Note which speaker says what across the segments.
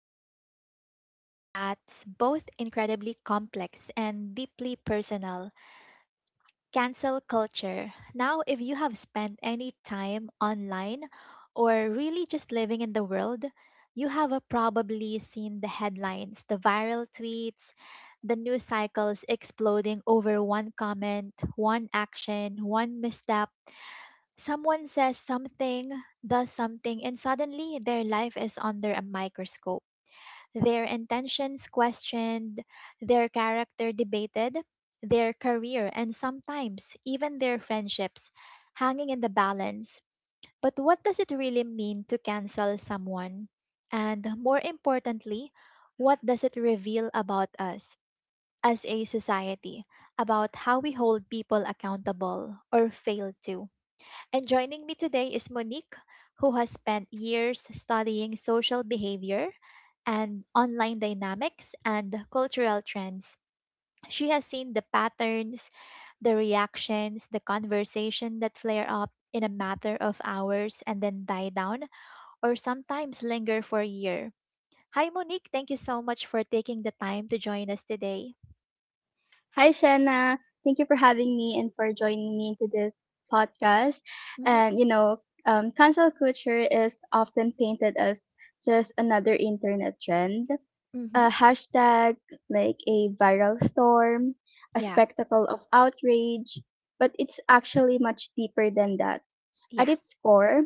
Speaker 1: diving into a topic that's both incredibly complex and deeply personal: cancel culture. Now, if you have spent any time online or really just living in the world, you have probably seen the headlines, the viral tweets, the news cycles exploding over one comment, one action, one misstep. Someone says something, does something, and suddenly their life is under a microscope. Their intentions questioned, their character debated, their career, and sometimes even their friendships hanging in the balance. But what does it really mean to cancel someone? And more importantly, what does it reveal about us as a society, about how we hold people accountable or fail to? And joining me today is Monique, who has spent years studying social behavior and online dynamics and cultural trends. She has seen the patterns, the reactions, the conversation that flare up in a matter of hours and then die down or sometimes linger for a year. Hi, Monique. Thank you so much for taking the time to join us today.
Speaker 2: Hi, Shanna. Thank you for having me and for joining me into this podcast.
Speaker 1: Mm-hmm.
Speaker 2: And you know, Cancel culture is often painted as just another internet trend, a
Speaker 1: Mm-hmm.
Speaker 2: hashtag, like a viral storm, a
Speaker 1: Yeah.
Speaker 2: spectacle of outrage. But it's actually much deeper than that. At
Speaker 1: Yeah.
Speaker 2: its core,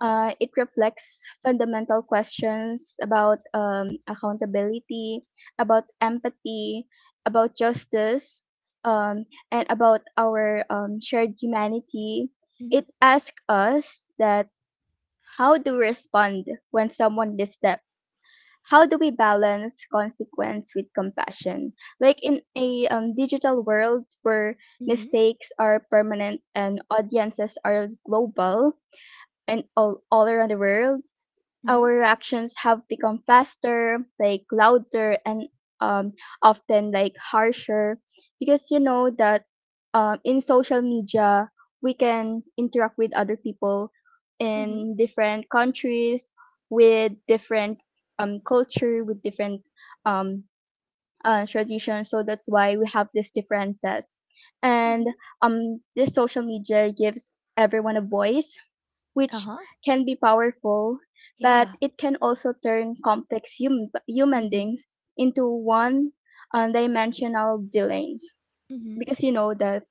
Speaker 2: it reflects fundamental questions about accountability, about empathy, about justice, um, and about our shared humanity.
Speaker 1: Mm-hmm.
Speaker 2: It asks us that how do we respond when someone dissteps? How do we balance consequence with compassion? Like in a digital world where
Speaker 1: Mm-hmm.
Speaker 2: mistakes are permanent and audiences are global, and all around the world,
Speaker 1: Mm-hmm.
Speaker 2: our reactions have become faster, like louder, and um, often like harsher. Because you know that in social media, we can interact with other people
Speaker 1: Mm-hmm.
Speaker 2: in different countries, with different culture, with different um, tradition. So that's why we have these differences. And
Speaker 1: Mm-hmm.
Speaker 2: This social media gives everyone a voice, which
Speaker 1: Uh-huh.
Speaker 2: can be powerful, but
Speaker 1: Yeah.
Speaker 2: it can also turn complex human
Speaker 1: Mm-hmm.
Speaker 2: beings into one dimensional villains. Because you know that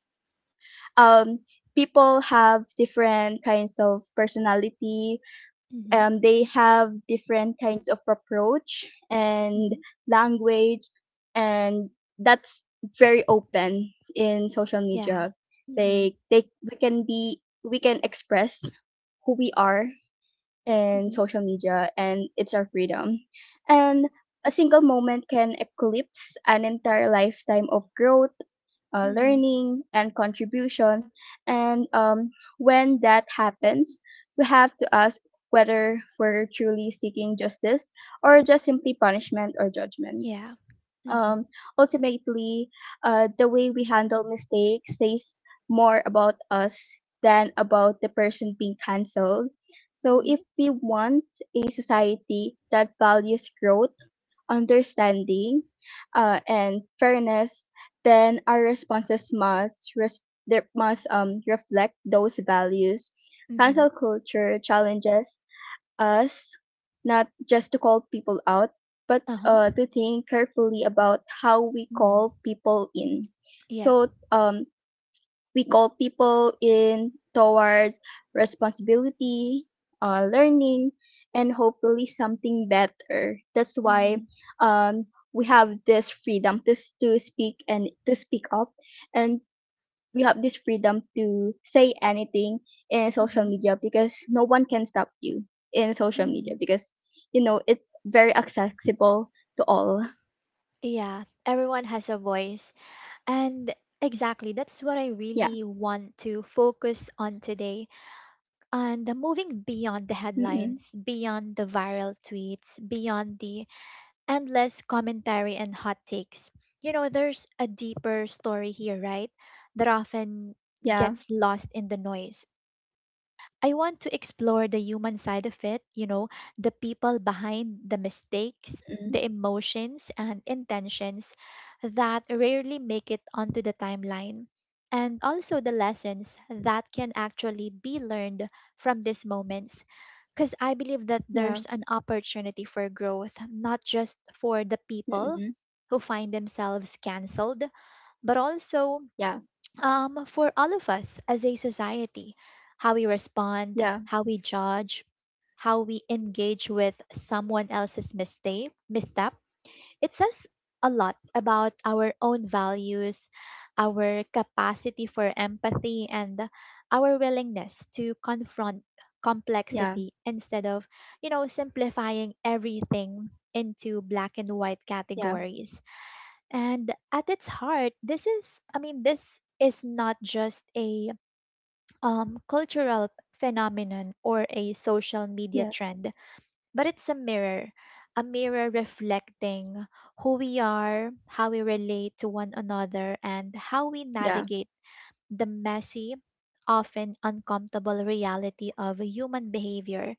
Speaker 2: um, people have different kinds of personality,
Speaker 1: Mhm,
Speaker 2: they have different kinds of approach and
Speaker 1: mhm.
Speaker 2: language, and that's very open in social
Speaker 1: Yeah.
Speaker 2: media.
Speaker 1: Mhm,
Speaker 2: They they we can be, we can express who we are
Speaker 1: mhm,
Speaker 2: in social media, and it's our freedom. And a single moment can eclipse an entire lifetime of growth,
Speaker 1: mhm.
Speaker 2: learning, and contribution. And When that happens, we have to ask whether we're truly seeking justice or just simply punishment or judgment.
Speaker 1: Yeah. Mhm,
Speaker 2: Um, Ultimately, the way we handle mistakes says more about us than about the person being cancelled. So,
Speaker 1: mhm,
Speaker 2: if we want a society that values growth, understanding, and fairness, then our responses must res- there must reflect those values.
Speaker 1: mhm.
Speaker 2: Cancel culture challenges us not just to call people out, but
Speaker 1: Uh-huh.
Speaker 2: to think carefully about how we
Speaker 1: Mm.
Speaker 2: call people in.
Speaker 1: Yeah.
Speaker 2: So we call people in towards responsibility, learning, and hopefully something better. That's why
Speaker 1: Mhm,
Speaker 2: um, we have this freedom to to speak and to speak up, and we have this freedom to say anything in social
Speaker 1: mhm,
Speaker 2: media because no one can stop you in social media,
Speaker 1: mhm.
Speaker 2: because you know it's very accessible to all.
Speaker 1: Yeah, everyone has a voice. And exactly, that's what I
Speaker 2: Yeah.
Speaker 1: really want to focus on today. And the moving beyond the
Speaker 2: Mm-mm.
Speaker 1: headlines, beyond the viral tweets, beyond the endless commentary and hot takes. You know, there's a deeper story here, right? That often
Speaker 2: Yeah.
Speaker 1: gets lost in the noise. I want to explore the human side of it, you know, the people behind the mistakes,
Speaker 2: Mm-mm.
Speaker 1: the emotions and intentions that rarely make it onto the timeline, and also the lessons that can actually be learned from these moments. Because I believe that
Speaker 2: Yeah.
Speaker 1: there's an opportunity for growth, not just for the people
Speaker 2: Mm-mm.
Speaker 1: who find themselves cancelled, but also
Speaker 2: Yeah.
Speaker 1: for all of us as a society. How we respond,
Speaker 2: Yeah.
Speaker 1: how we judge, how we engage with someone else's mistake, misstep, it says a lot about our own values, our capacity for empathy, and our willingness to confront
Speaker 2: Yeah.
Speaker 1: complexity instead of, you know, simplifying everything into black and white
Speaker 2: Yeah.
Speaker 1: categories. And at its heart, this is, I mean, this is not just a cultural phenomenon or a social media
Speaker 2: Yeah,
Speaker 1: trend, but it's a mirror reflecting who we are, how we relate to one another, and how we
Speaker 2: yeah,
Speaker 1: navigate the messy, often uncomfortable reality of human behavior.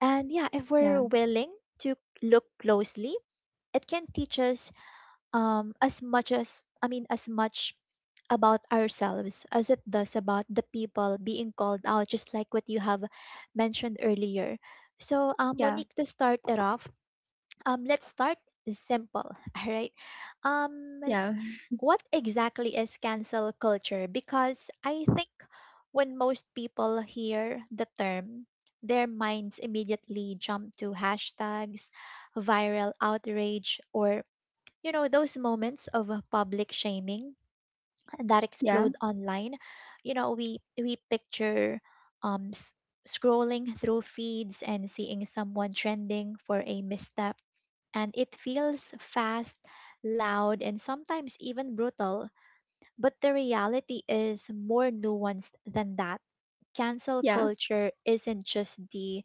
Speaker 1: And yeah, if
Speaker 2: yeah,
Speaker 1: we're willing to look closely, it can teach us as much about ourselves as it does about the people being called out, just like what you have mentioned earlier. So,
Speaker 2: yeah,
Speaker 1: Monique, to start it off, let's start simple, all right? Um what exactly is cancel culture? Because I think when most people hear the term, their minds immediately jump to hashtags, viral outrage, or you know those moments of public shaming that
Speaker 2: yeah, yeah,
Speaker 1: explode online. You know, we picture um s- scrolling through feeds and seeing someone trending for a misstep, and it feels fast, loud, and sometimes even brutal. But the reality is more nuanced than that. Cancel
Speaker 2: yeah,
Speaker 1: culture isn't just the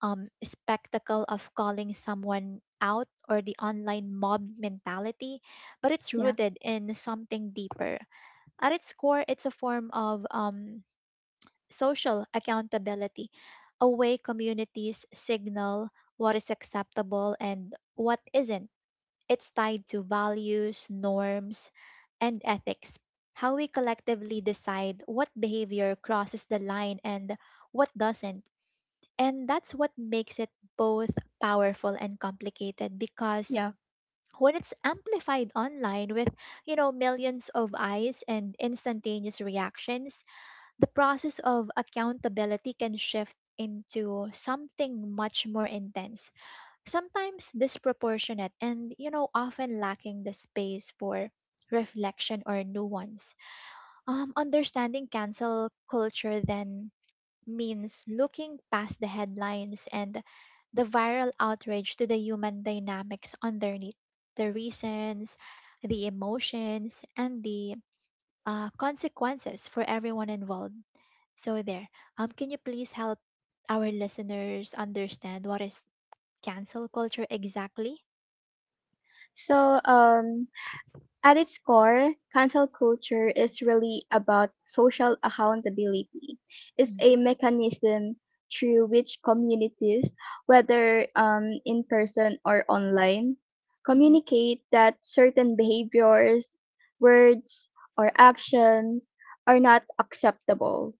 Speaker 1: spectacle of calling someone out or the online mob mentality, but it's
Speaker 2: yeah,
Speaker 1: rooted in something deeper. At its core, it's a form of social accountability, a way communities signal what is acceptable and what isn't. It's tied to values, norms, and ethics. How we collectively decide what behavior crosses the line and what doesn't, and that's what makes it both powerful and complicated. Because
Speaker 2: yeah.
Speaker 1: when it's amplified online with, you know, millions of eyes and instantaneous reactions, the process of accountability can shift into something much more intense, sometimes disproportionate and, you know, often lacking the space for reflection or nuance. Understanding cancel culture then means looking past the headlines and the viral outrage to the human dynamics underneath: the reasons, the emotions, and the consequences for everyone involved. So, there, can you please help our listeners understand what is cancel culture exactly?
Speaker 2: So, at its core, cancel culture is really about social accountability. It's
Speaker 1: Mm-hmm.
Speaker 2: a mechanism through which communities, whether in person or online,
Speaker 1: Mm-hmm.
Speaker 2: communicate that certain behaviors, words, or actions are not acceptable.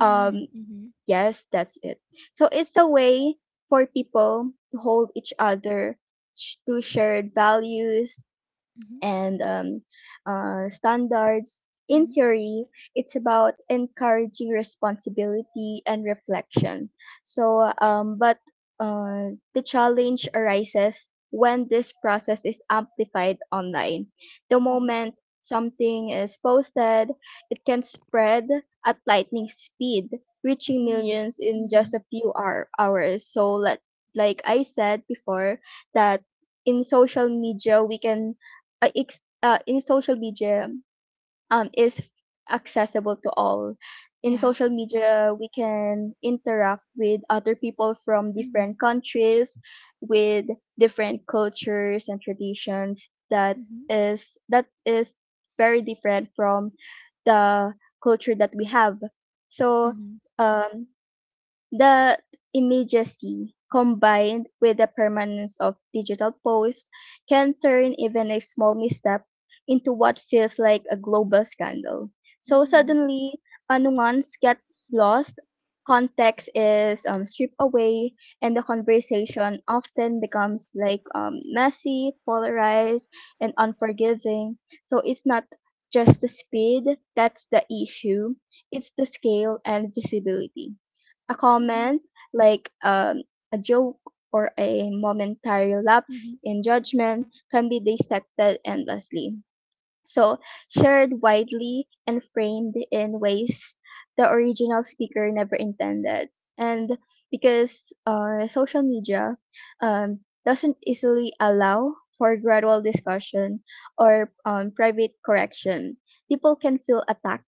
Speaker 2: Um, Yes, that's it. So it's a way for people to hold each other to shared values,
Speaker 1: Mm-hmm.
Speaker 2: and standards. In
Speaker 1: Mm-hmm.
Speaker 2: theory, it's about encouraging responsibility and reflection. But the challenge arises when this process is amplified online. The
Speaker 1: Mm-hmm.
Speaker 2: moment something is posted, it can spread at lightning speed, reaching
Speaker 1: Mm-hmm.
Speaker 2: millions in
Speaker 1: Mm-hmm.
Speaker 2: just a few hours. Like I said before, that in social media we can in social media is accessible to all. In
Speaker 1: Yeah.
Speaker 2: social media, we can interact with other people from
Speaker 1: Mm-hmm.
Speaker 2: different countries, with different cultures and traditions that
Speaker 1: Mm-hmm.
Speaker 2: that is very different from the culture that we have. So
Speaker 1: Mm-hmm.
Speaker 2: um, the immediacy combined with the permanence of digital posts can turn even a small misstep into what feels like a global scandal. So
Speaker 1: Mm-hmm.
Speaker 2: suddenly, a nuance gets lost, context is stripped away, and the conversation often becomes like messy, polarized, and unforgiving. So it's not just the speed that's the issue, it's the scale and visibility. A
Speaker 1: Mm-hmm.
Speaker 2: comment, like a joke, or a momentary lapse in judgment can be dissected endlessly. So, shared widely and framed in ways the original speaker never intended. And because social media um, doesn't easily allow for gradual discussion or private correction, people can feel attacked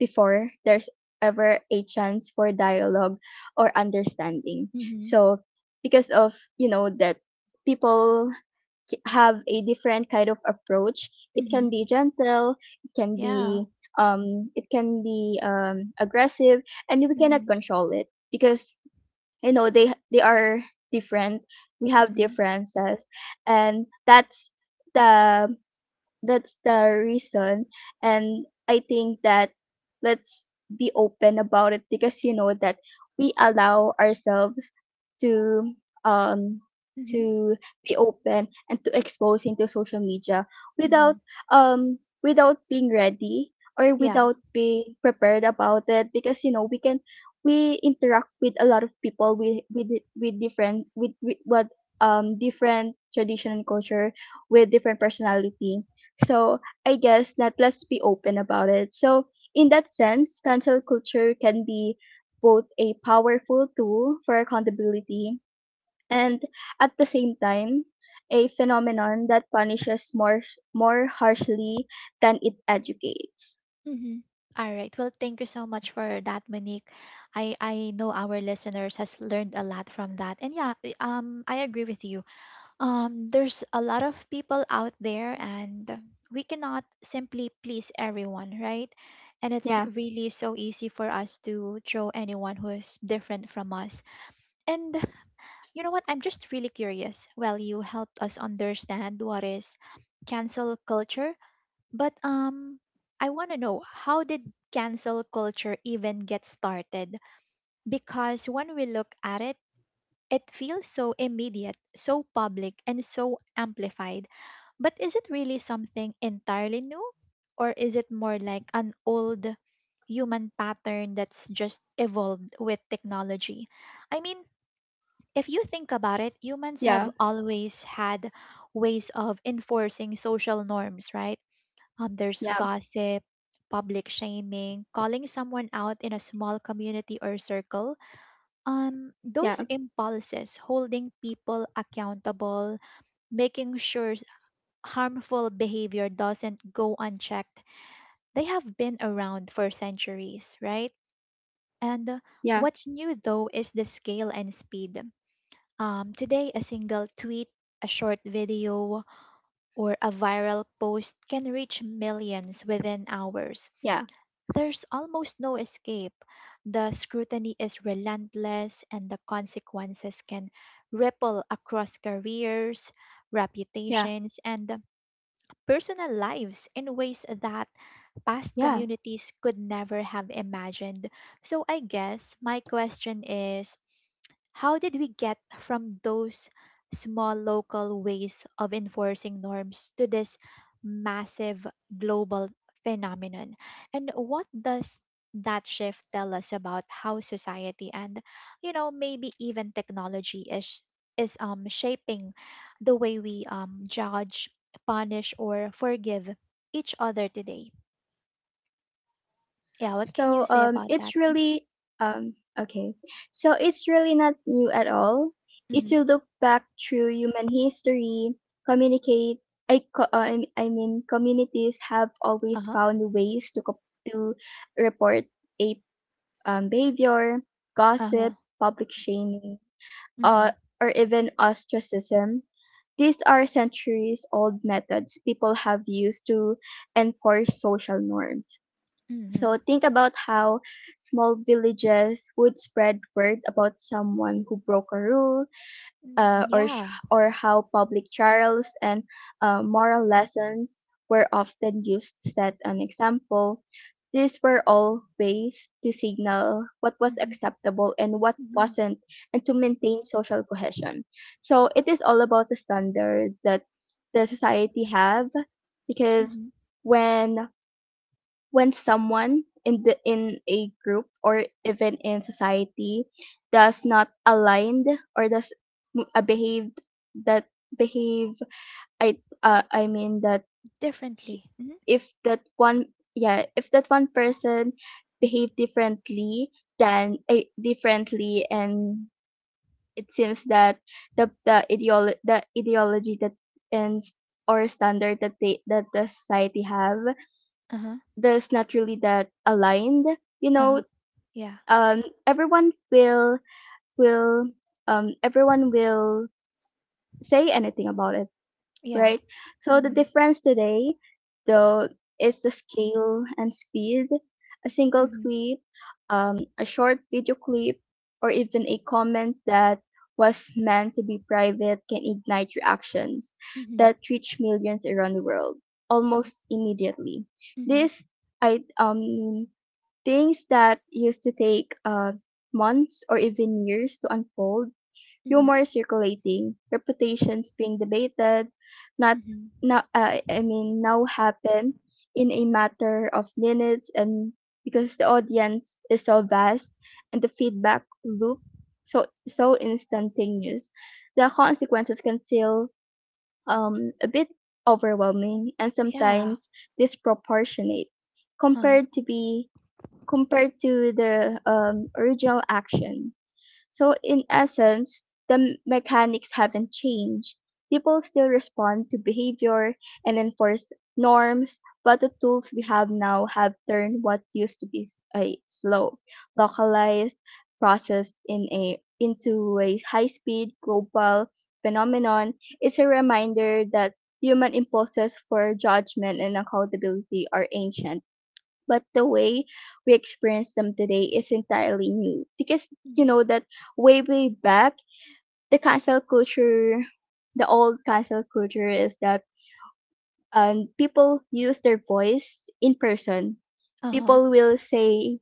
Speaker 2: before there's ever a chance for dialogue or understanding.
Speaker 1: Mm-hmm.
Speaker 2: So, because of, you know, that people have a different kind of approach, it can
Speaker 1: Mm-hmm.
Speaker 2: be gentle, it can
Speaker 1: Yeah.
Speaker 2: be, it can be aggressive, and we cannot
Speaker 1: Mm-hmm.
Speaker 2: control it because you know they are different, we have
Speaker 1: Mm-hmm.
Speaker 2: differences, and that's the the reason. And I think that let's be open about it, because you know that we allow ourselves to um
Speaker 1: Mm-hmm.
Speaker 2: to be open and to expose into social media without,
Speaker 1: Mm-hmm.
Speaker 2: um without being ready or
Speaker 1: Yeah.
Speaker 2: without being prepared about it, because you know we can, we interact with a lot of people with different with what different tradition and culture, with different personality. So I guess that let's be open about it. So in that sense, cancel culture can be both a powerful tool for accountability and at the same time a phenomenon that punishes more harshly than it educates.
Speaker 1: Mm-hmm. All right. Well, thank you so much for that, Monique. I know our listeners has learned a lot from that, and yeah, I agree with you. There's a lot of people out there, and we cannot simply please everyone, right? And it's
Speaker 2: Yeah,
Speaker 1: really so easy for us to throw anyone who is different from us. And you know what? I'm just really curious. Well, you helped us understand what is cancel culture, but I want to know, how did cancel culture even get started? Because when we look at it, it feels so immediate, so public, and so amplified. But is it really something entirely new? Or is it more like an old human pattern that's just evolved with technology? I mean, if you think about it, humans
Speaker 2: yeah,
Speaker 1: have always had ways of enforcing social norms, right? There's
Speaker 2: yeah,
Speaker 1: gossip, public shaming, calling someone out in a small community or circle.
Speaker 2: yeah,
Speaker 1: Those impulses, holding people accountable, making sure harmful behavior doesn't go unchecked, they have been around for centuries, right? And
Speaker 2: yeah,
Speaker 1: What's new though is the scale and speed. Today, a single tweet, a short video, or a viral post can reach millions within hours.
Speaker 2: yeah,
Speaker 1: There's almost no escape. The scrutiny is relentless, and the consequences can ripple across careers,
Speaker 2: yeah,
Speaker 1: reputations, and personal lives in ways that past
Speaker 2: yeah.
Speaker 1: communities could never have imagined. So I guess my question is, how did we get from those small local ways of enforcing norms to this massive global phenomenon? And what does that shift tell us about how society, and you know maybe even technology, is shaping the way we judge, punish, or forgive each other today? Yeah, what can
Speaker 2: So
Speaker 1: you say about that?
Speaker 2: it's
Speaker 1: Mm-hmm.
Speaker 2: really okay. So it's really not new at all. If
Speaker 1: Mm-hmm.
Speaker 2: you look back through human history, communicate. I, co- I m- I mean, communities have always
Speaker 1: Uh-huh.
Speaker 2: found ways to report a behavior, gossip,
Speaker 1: Uh-huh.
Speaker 2: public shaming, uh,
Speaker 1: Mm-hmm.
Speaker 2: or even ostracism. These are centuries old methods people have used to enforce social norms.
Speaker 1: Mm-hmm.
Speaker 2: So think about how small villages would spread word about someone who broke a rule,
Speaker 1: Mm, yeah.
Speaker 2: or how public trials and moral lessons were often used to set an example. These were all ways to signal what was
Speaker 1: Mm-hmm.
Speaker 2: acceptable and what
Speaker 1: Mm-hmm.
Speaker 2: wasn't, and to maintain social cohesion. So it is all about the standard that the society have, because
Speaker 1: Mm-hmm.
Speaker 2: when when someone in the, in a group or even in society does not align or does m- behave that behave I mean that
Speaker 1: Differently. Mm-hmm.
Speaker 2: if that one yeah if that one person behave differently than a differently and it seems that the ideology that and s- or standard that the society have,
Speaker 1: Uh-huh.
Speaker 2: that's not really that aligned, you
Speaker 1: Uh-huh.
Speaker 2: know,
Speaker 1: Yeah.
Speaker 2: um everyone will will everyone will say anything about it,
Speaker 1: Yeah.
Speaker 2: right? So the
Speaker 1: Mm-hmm.
Speaker 2: difference today though is the scale and speed. A single
Speaker 1: Mm-hmm.
Speaker 2: tweet, a short video clip, or even a comment that was meant to be private can ignite reactions
Speaker 1: Mm-hmm.
Speaker 2: that reach millions around the world almost immediately.
Speaker 1: Mm-hmm.
Speaker 2: This I Things that used to take months or even years to unfold,
Speaker 1: Mm-hmm.
Speaker 2: rumors circulating, reputations being debated, not
Speaker 1: Mm-hmm.
Speaker 2: now I mean now happen in a matter of minutes. And because the audience is so vast and the feedback loop so instantaneous, the consequences can feel a bit overwhelming and
Speaker 1: Yeah.
Speaker 2: sometimes disproportionate
Speaker 1: Uh-huh.
Speaker 2: compared to be compared to the original action. So, in essence, the mechanics haven't changed. People still respond to behavior and enforce norms, but the tools we have now have turned what used to be a slow, localized process into a high speed global phenomenon. It's a reminder that human impulses for judgment and accountability are ancient, but the way we experience them today is entirely new, because you
Speaker 1: Mm-hmm.
Speaker 2: know that way way back the cancel culture, the old cancel culture, is that people use their voice in person,
Speaker 1: Uh-huh.
Speaker 2: people will say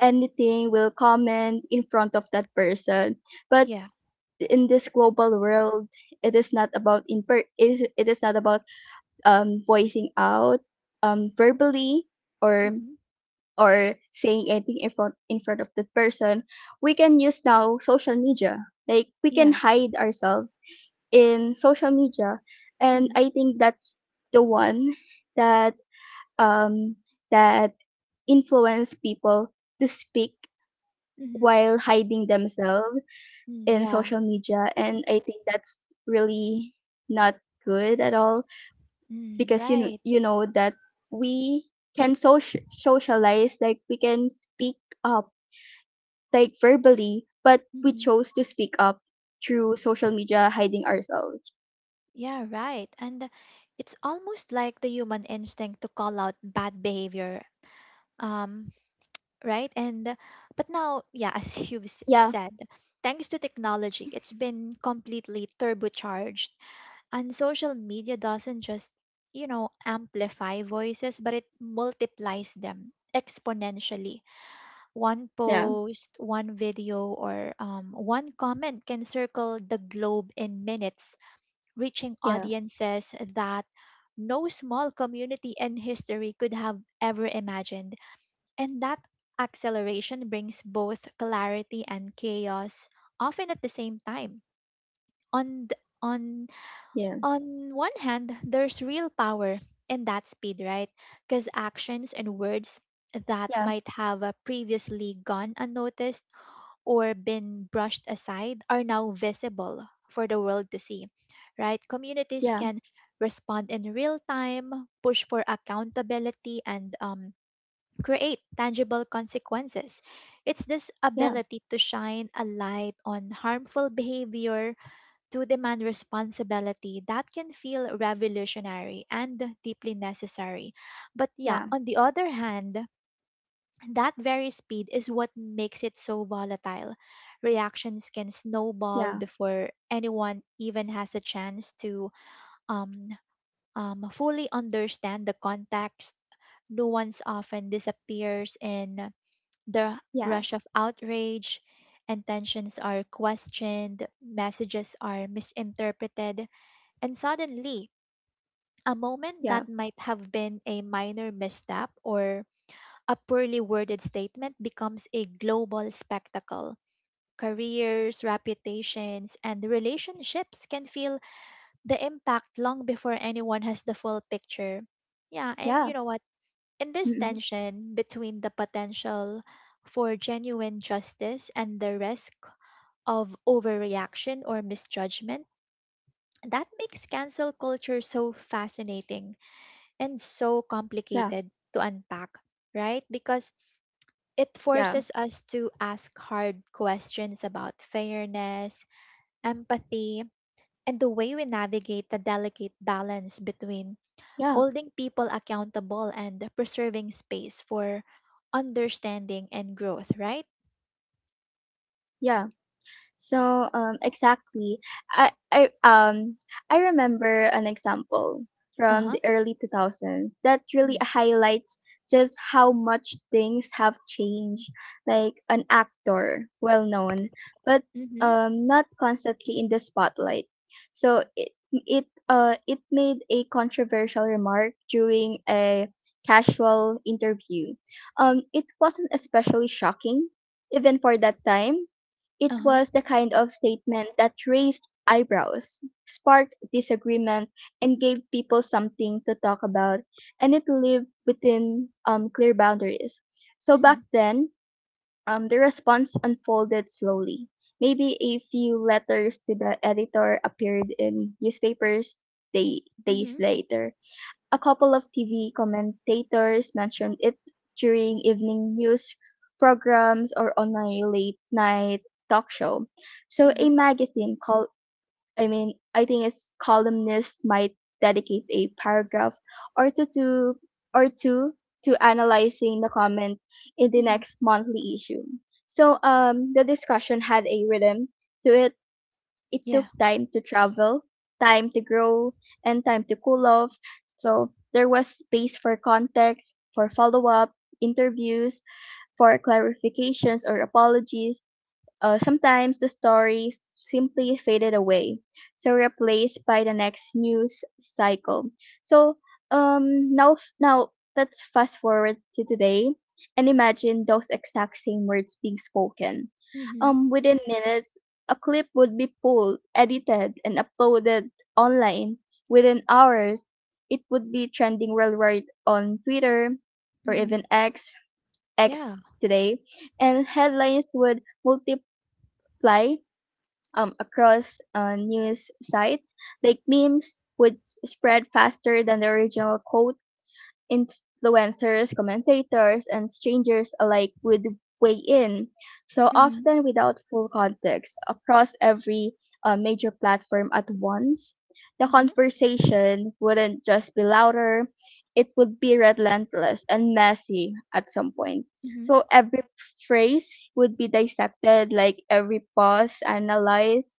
Speaker 2: anything, will comment in front of that person. But
Speaker 1: Yeah.
Speaker 2: in this global world, it is not about in per- it is not about voicing out, verbally, or
Speaker 1: Mm-hmm.
Speaker 2: or saying anything in front of the person. We can use now social media, like we can
Speaker 1: Yeah.
Speaker 2: hide ourselves in social media. And
Speaker 1: Mm-hmm.
Speaker 2: I think that's the one that um that influence people to speak
Speaker 1: Mm-hmm.
Speaker 2: while hiding themselves
Speaker 1: Mm,
Speaker 2: in
Speaker 1: yeah.
Speaker 2: social media. And I think that's really not good at all,
Speaker 1: Mm,
Speaker 2: because you know,
Speaker 1: right.
Speaker 2: you know that we can, socialize, like we can speak up, like verbally, but we
Speaker 1: Mm-hmm.
Speaker 2: chose to speak up through social media, hiding ourselves.
Speaker 1: Yeah, right. And it's almost like the human instinct to call out bad behavior. Um, right? And but now, yeah, as
Speaker 2: Yeah,
Speaker 1: said, thanks to technology, it's been completely turbocharged. And social media doesn't just, you know, amplify voices, but it multiplies them exponentially. One
Speaker 2: yeah,
Speaker 1: post, one video, or one comment can circle the globe in minutes, reaching
Speaker 2: yeah,
Speaker 1: audiences that no small community in history could have ever imagined. And that acceleration brings both clarity and chaos, often at the same time. On th- on
Speaker 2: yeah,
Speaker 1: on one hand, there's real power in that speed, right? Because actions and words that
Speaker 2: yeah,
Speaker 1: might have previously gone unnoticed or been brushed aside are now visible for the world to see, right? Communities
Speaker 2: yeah,
Speaker 1: can respond in real time, push for accountability, and create tangible consequences. It's this
Speaker 2: yeah,
Speaker 1: ability to shine a light on harmful behavior, to demand responsibility, that can feel revolutionary and deeply necessary. But yeah,
Speaker 2: yeah,
Speaker 1: on the other hand, that very speed is what makes it so volatile. Reactions can snowball
Speaker 2: yeah,
Speaker 1: before anyone even has a chance to um, fully understand the context. Nuance often disappears in the
Speaker 2: yeah,
Speaker 1: rush of outrage. Intentions are questioned, messages are misinterpreted, and suddenly, a moment
Speaker 2: yeah,
Speaker 1: that might have been a minor misstep or a poorly worded statement becomes a global spectacle. Careers, reputations, and relationships can feel the impact long before anyone has the full picture. Yeah, and
Speaker 2: yeah,
Speaker 1: you know what? In this
Speaker 2: mm-mm,
Speaker 1: tension between the potential for genuine justice and the risk of overreaction or misjudgment, that makes cancel culture so fascinating and so
Speaker 2: yeah,
Speaker 1: complicated to unpack, right? Because it
Speaker 2: yeah,
Speaker 1: forces us to ask hard questions about fairness, empathy, and the way we navigate the delicate balance between
Speaker 2: yeah,
Speaker 1: holding people accountable and preserving space for understanding and growth, right?
Speaker 2: yeah. So, exactly. I, I, um, I remember an example
Speaker 1: Uh
Speaker 2: from
Speaker 1: huh.
Speaker 2: the early 2000s that really highlights just how much things have changed. Like an actor, well known, but
Speaker 1: Mm-hmm.
Speaker 2: not constantly in the spotlight. So it made a controversial remark during a casual interview. It wasn't especially shocking, even for that time. It
Speaker 1: Uh huh.
Speaker 2: was the kind of statement that raised eyebrows, sparked disagreement, and gave people something to talk about, and it lived within clear boundaries. So back
Speaker 1: Mm-hmm.
Speaker 2: then, the response unfolded slowly. Maybe a few letters to the editor appeared in newspapers days
Speaker 1: Mm-hmm.
Speaker 2: later, a couple of TV commentators mentioned it during evening news programs or on my late night talk show. So a
Speaker 1: Mm-hmm.
Speaker 2: magazine called, I mean, I think its columnists might dedicate a paragraph or two to or two to analyzing the comment in the
Speaker 1: Mm-hmm.
Speaker 2: next monthly issue. So the discussion had a rhythm to it. It
Speaker 1: Yeah.
Speaker 2: took time to travel, time to grow, and time to cool off. So there was space for context, for follow up, interviews, for clarifications or apologies. Sometimes the story simply faded away, so replaced by the next news cycle. So now let's fast forward to today and imagine those exact same words being spoken.
Speaker 1: Mm-hmm.
Speaker 2: Within minutes, a clip would be pulled, edited, and uploaded online. Within hours, it would be trending worldwide on Twitter or
Speaker 1: Mm-hmm.
Speaker 2: even X
Speaker 1: Yeah.
Speaker 2: today, and headlines would multi fly across news sites, like memes would spread faster than the original quote. Influencers, commentators, and strangers alike would weigh in, so
Speaker 1: Mm-hmm.
Speaker 2: often without full context, across every major platform at once. The
Speaker 1: Mm-hmm.
Speaker 2: conversation wouldn't just be louder, it would be relentless and messy at some point.
Speaker 1: Mm-hmm.
Speaker 2: So every phrase would be dissected, like every pause analyzed.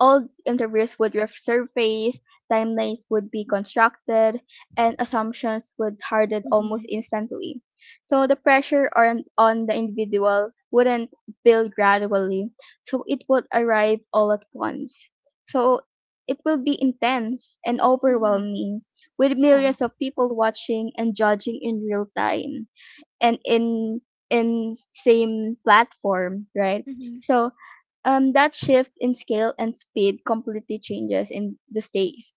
Speaker 2: Old interviews would resurface, timelines would be constructed, and assumptions would harden almost
Speaker 1: Mm-hmm.
Speaker 2: instantly. So the pressure on the individual wouldn't build gradually, so it would arrive all at once. So it will be intense and
Speaker 1: Mm-hmm.
Speaker 2: overwhelming, with
Speaker 1: Yeah.
Speaker 2: millions of people watching and judging in real time and in same platform, right?
Speaker 1: Mm-hmm.
Speaker 2: So that shift in scale and speed completely changes in the stakes.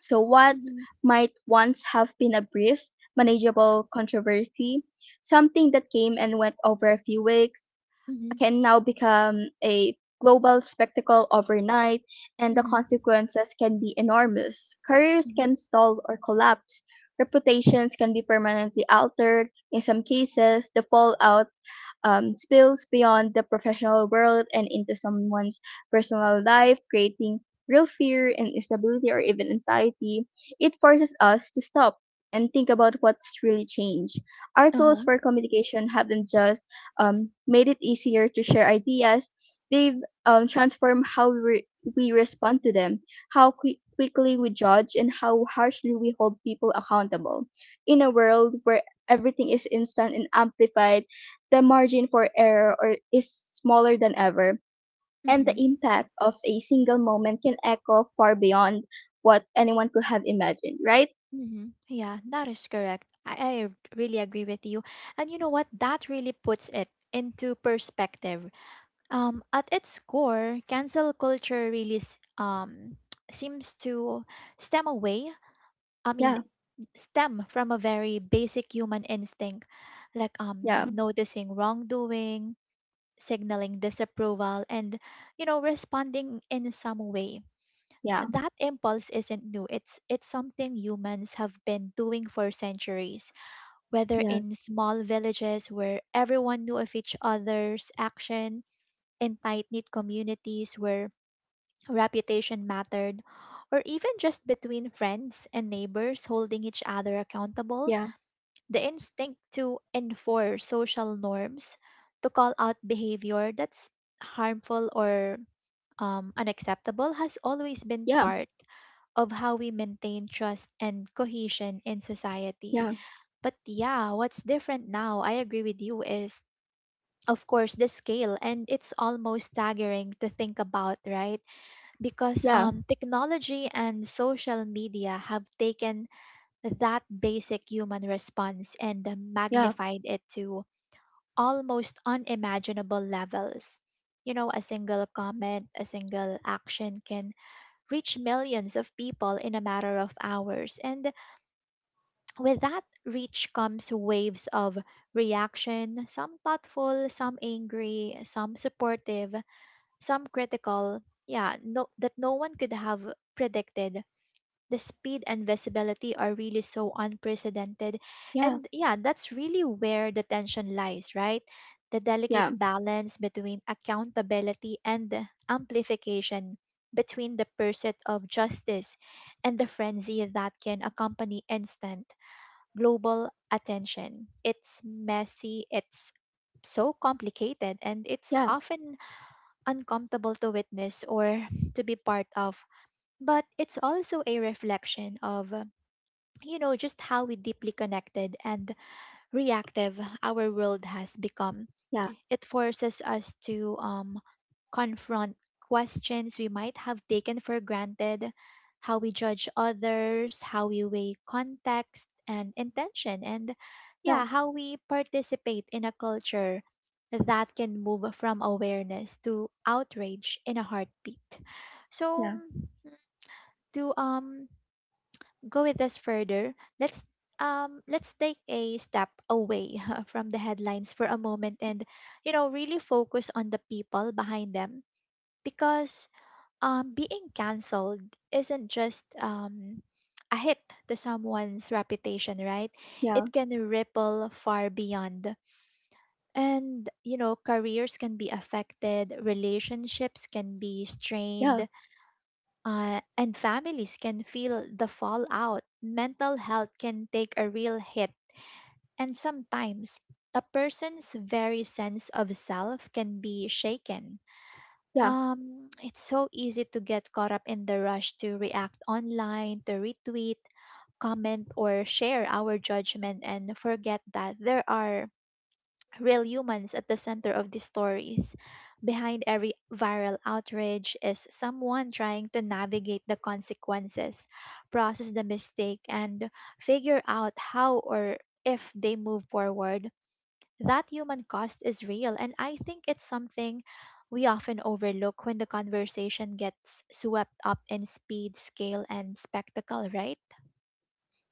Speaker 2: So, what
Speaker 1: Mm-hmm.
Speaker 2: might once have been a brief, manageable controversy, something that came and went over a few weeks,
Speaker 1: Mm-hmm.
Speaker 2: can now become a global spectacle overnight, and the
Speaker 1: Mm-hmm.
Speaker 2: consequences can be enormous. Careers
Speaker 1: Mm-hmm.
Speaker 2: can stall or collapse. Reputations can be permanently altered. In some cases, the fallout spills beyond the professional world and into someone's personal life, creating real fear and instability or even anxiety. It forces us to stop and think about what's really changed. Our
Speaker 1: Uh
Speaker 2: tools
Speaker 1: huh.
Speaker 2: for communication haven't just made it easier to share ideas, they've transformed how we respond to them, how quickly we judge, and how harshly we hold people accountable. In a world where everything is instant and amplified, the margin for error or is smaller than ever, and
Speaker 1: Mm-hmm.
Speaker 2: the impact of a single moment can echo far beyond what anyone could have imagined, right?
Speaker 1: Yeah, that is correct. I really agree with you. And you know what? That really puts it into perspective. At its core, cancel culture really seems to stem away. I mean,
Speaker 2: Yeah,
Speaker 1: stem from a very basic human instinct, like
Speaker 2: yeah,
Speaker 1: noticing wrongdoing, signaling disapproval, and you know, responding in some way.
Speaker 2: yeah,
Speaker 1: That impulse isn't new. It's something humans have been doing for centuries, whether
Speaker 2: yeah,
Speaker 1: in small villages where everyone knew of each other's action, in tight-knit communities where reputation mattered, or even just between friends and neighbors holding each other accountable.
Speaker 2: yeah,
Speaker 1: The instinct to enforce social norms, to call out behavior that's harmful or unacceptable, has always been
Speaker 2: yeah,
Speaker 1: part of how we maintain trust and cohesion in society.
Speaker 2: yeah,
Speaker 1: But yeah, what's different now, I agree with you, is of course the scale, and it's almost staggering to think about, right? Because
Speaker 2: yeah,
Speaker 1: technology and social media have taken that basic human response and
Speaker 2: yeah,
Speaker 1: magnified it to almost unimaginable levels. You know, a single comment, a single action can reach millions of people in a matter of hours. And with that reach comes waves of reaction, some thoughtful, some angry, some supportive, some critical. Yeah, no, that no one could have predicted. The speed and visibility are really so unprecedented. And yeah, that's really where the tension lies, right? The delicate
Speaker 2: yeah,
Speaker 1: balance between accountability and amplification, between the pursuit of justice and the frenzy that can accompany instant global attention. It's messy, it's so complicated, and it's
Speaker 2: yeah,
Speaker 1: often uncomfortable to witness or to be part of. But it's also a reflection of, you know, just how we deeply connected and reactive our world has become.
Speaker 2: yeah,
Speaker 1: It forces us to confront questions we might have taken for granted, how we judge others, how we weigh context and intention, and
Speaker 2: yeah, yeah,
Speaker 1: yeah, how we participate in a culture that can move from awareness to outrage in a heartbeat. So,
Speaker 2: yeah,
Speaker 1: to go with this further, let's let's take a step away from the headlines for a moment and you know really focus on the people behind them, because being cancelled isn't just a hit to someone's reputation, right?
Speaker 2: yeah,
Speaker 1: It can ripple far beyond. And you know, careers can be affected, relationships can be
Speaker 2: yeah,
Speaker 1: strained, and families can feel the fallout. Mental health can take a real hit, and sometimes a person's very sense of self can be shaken.
Speaker 2: yeah.
Speaker 1: It's so easy to get caught up in the rush to react online, to retweet, comment, or share our judgment and forget that there are real humans at the center of these stories. Behind every viral outrage is someone trying to navigate the consequences, process the mistake, and figure out how or if they move forward. That human cost is real, and I think it's something we often overlook when the conversation gets swept up in speed, scale, and spectacle, right?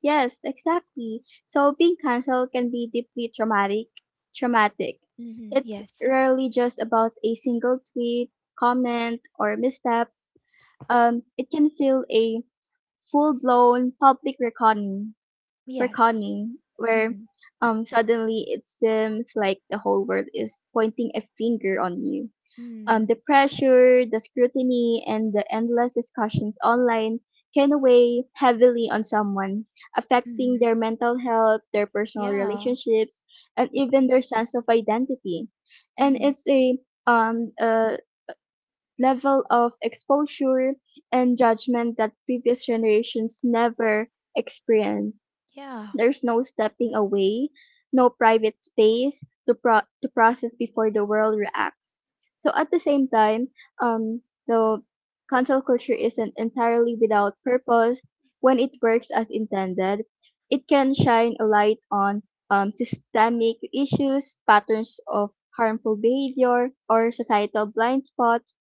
Speaker 2: Yes, exactly. So being cancelled can be deeply traumatic.
Speaker 1: Mm-hmm.
Speaker 2: It's
Speaker 1: Yes.
Speaker 2: rarely just about a single tweet, comment, or misstep. It can feel a full-blown public reckoning,
Speaker 1: Yes.
Speaker 2: reckoning where
Speaker 1: Mm-hmm.
Speaker 2: suddenly it seems like the whole world is pointing a finger on you.
Speaker 1: Mm-hmm.
Speaker 2: The pressure, the scrutiny, and the endless discussions online can weigh heavily on someone, affecting
Speaker 1: Mm-hmm.
Speaker 2: their mental health, their personal
Speaker 1: Yeah.
Speaker 2: relationships, and even their sense of identity. And
Speaker 1: Mm-hmm.
Speaker 2: it's a um, uh, level of exposure and judgment that previous generations never experienced.
Speaker 1: Yeah.
Speaker 2: There's no stepping away, no private space to process before the world reacts. So at the same time, um, the cancel culture isn't entirely without purpose when it works as intended. It can shine a light on systemic issues, patterns of harmful behavior, or societal blind spots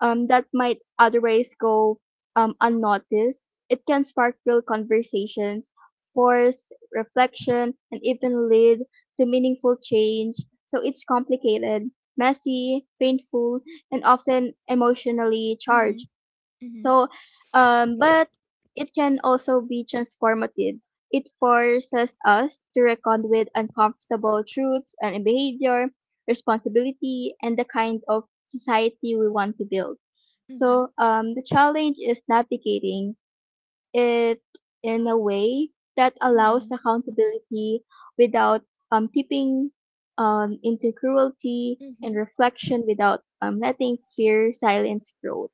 Speaker 2: that might otherwise go unnoticed. It can spark real conversations, force reflection, and even lead to meaningful change. So it's complicated, messy, painful, and often emotionally charged.
Speaker 1: Mhm. Mhm.
Speaker 2: So, but it can also be transformative. It forces us to reckon with uncomfortable truths and behavior, responsibility, and the kind of society we want to build. So,
Speaker 1: Mhm.
Speaker 2: the challenge is navigating it in a way that allows
Speaker 1: Mhm.
Speaker 2: accountability without tipping into cruelty and
Speaker 1: Mhm.
Speaker 2: reflection without letting fear silence growth.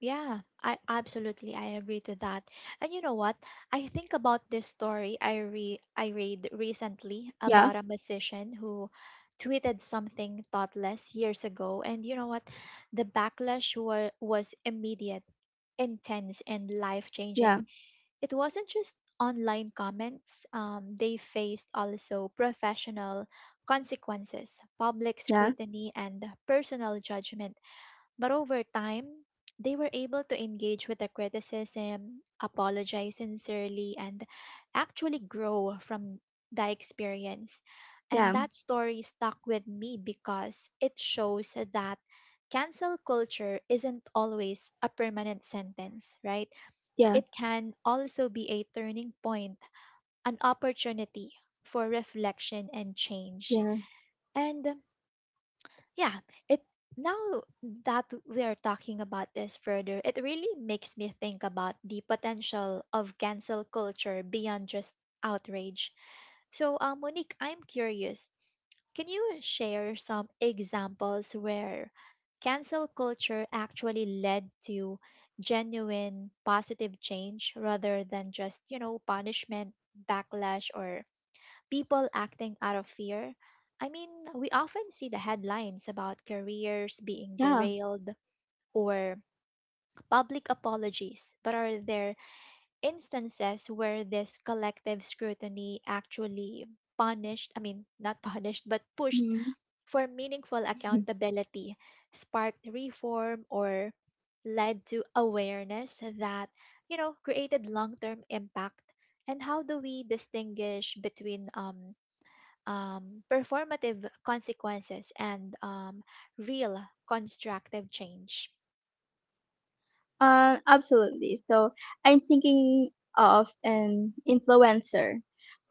Speaker 1: Yeah, I agree to that. And you know what? I think about this story I read recently
Speaker 2: Yeah,
Speaker 1: about a musician who tweeted something thoughtless years ago, and you know what? The backlash wa was immediate, intense, and life-changing.
Speaker 2: yeah,
Speaker 1: It wasn't just online comments. They faced also professional consequences, public
Speaker 2: yeah.
Speaker 1: scrutiny, and personal judgment. But over time, they were able to engage with the criticism, apologize sincerely, and actually grow from the experience. And
Speaker 2: Yeah,
Speaker 1: that story stuck with me because it shows that cancel culture isn't always a permanent sentence, right?
Speaker 2: yeah,
Speaker 1: It can also be a turning point, an opportunity for reflection and change.
Speaker 2: yeah,
Speaker 1: And yeah, it now that we are talking about this further, it really makes me think about the potential of cancel culture beyond just outrage. So, Monique, I'm curious. Can you share some examples where cancel culture actually led to genuine positive change rather than just, you know, punishment, backlash, or people acting out of fear? I mean, we often see the headlines about careers being
Speaker 2: yeah.
Speaker 1: derailed or public apologies, but are there instances where this collective scrutiny actually punished, I mean, not punished, but pushed
Speaker 2: Mhm.
Speaker 1: for meaningful accountability, sparked reform, or led to awareness that, you know, created long term impact? And how do we distinguish between performative consequences and real constructive change?
Speaker 2: Absolutely. So I'm thinking of an influencer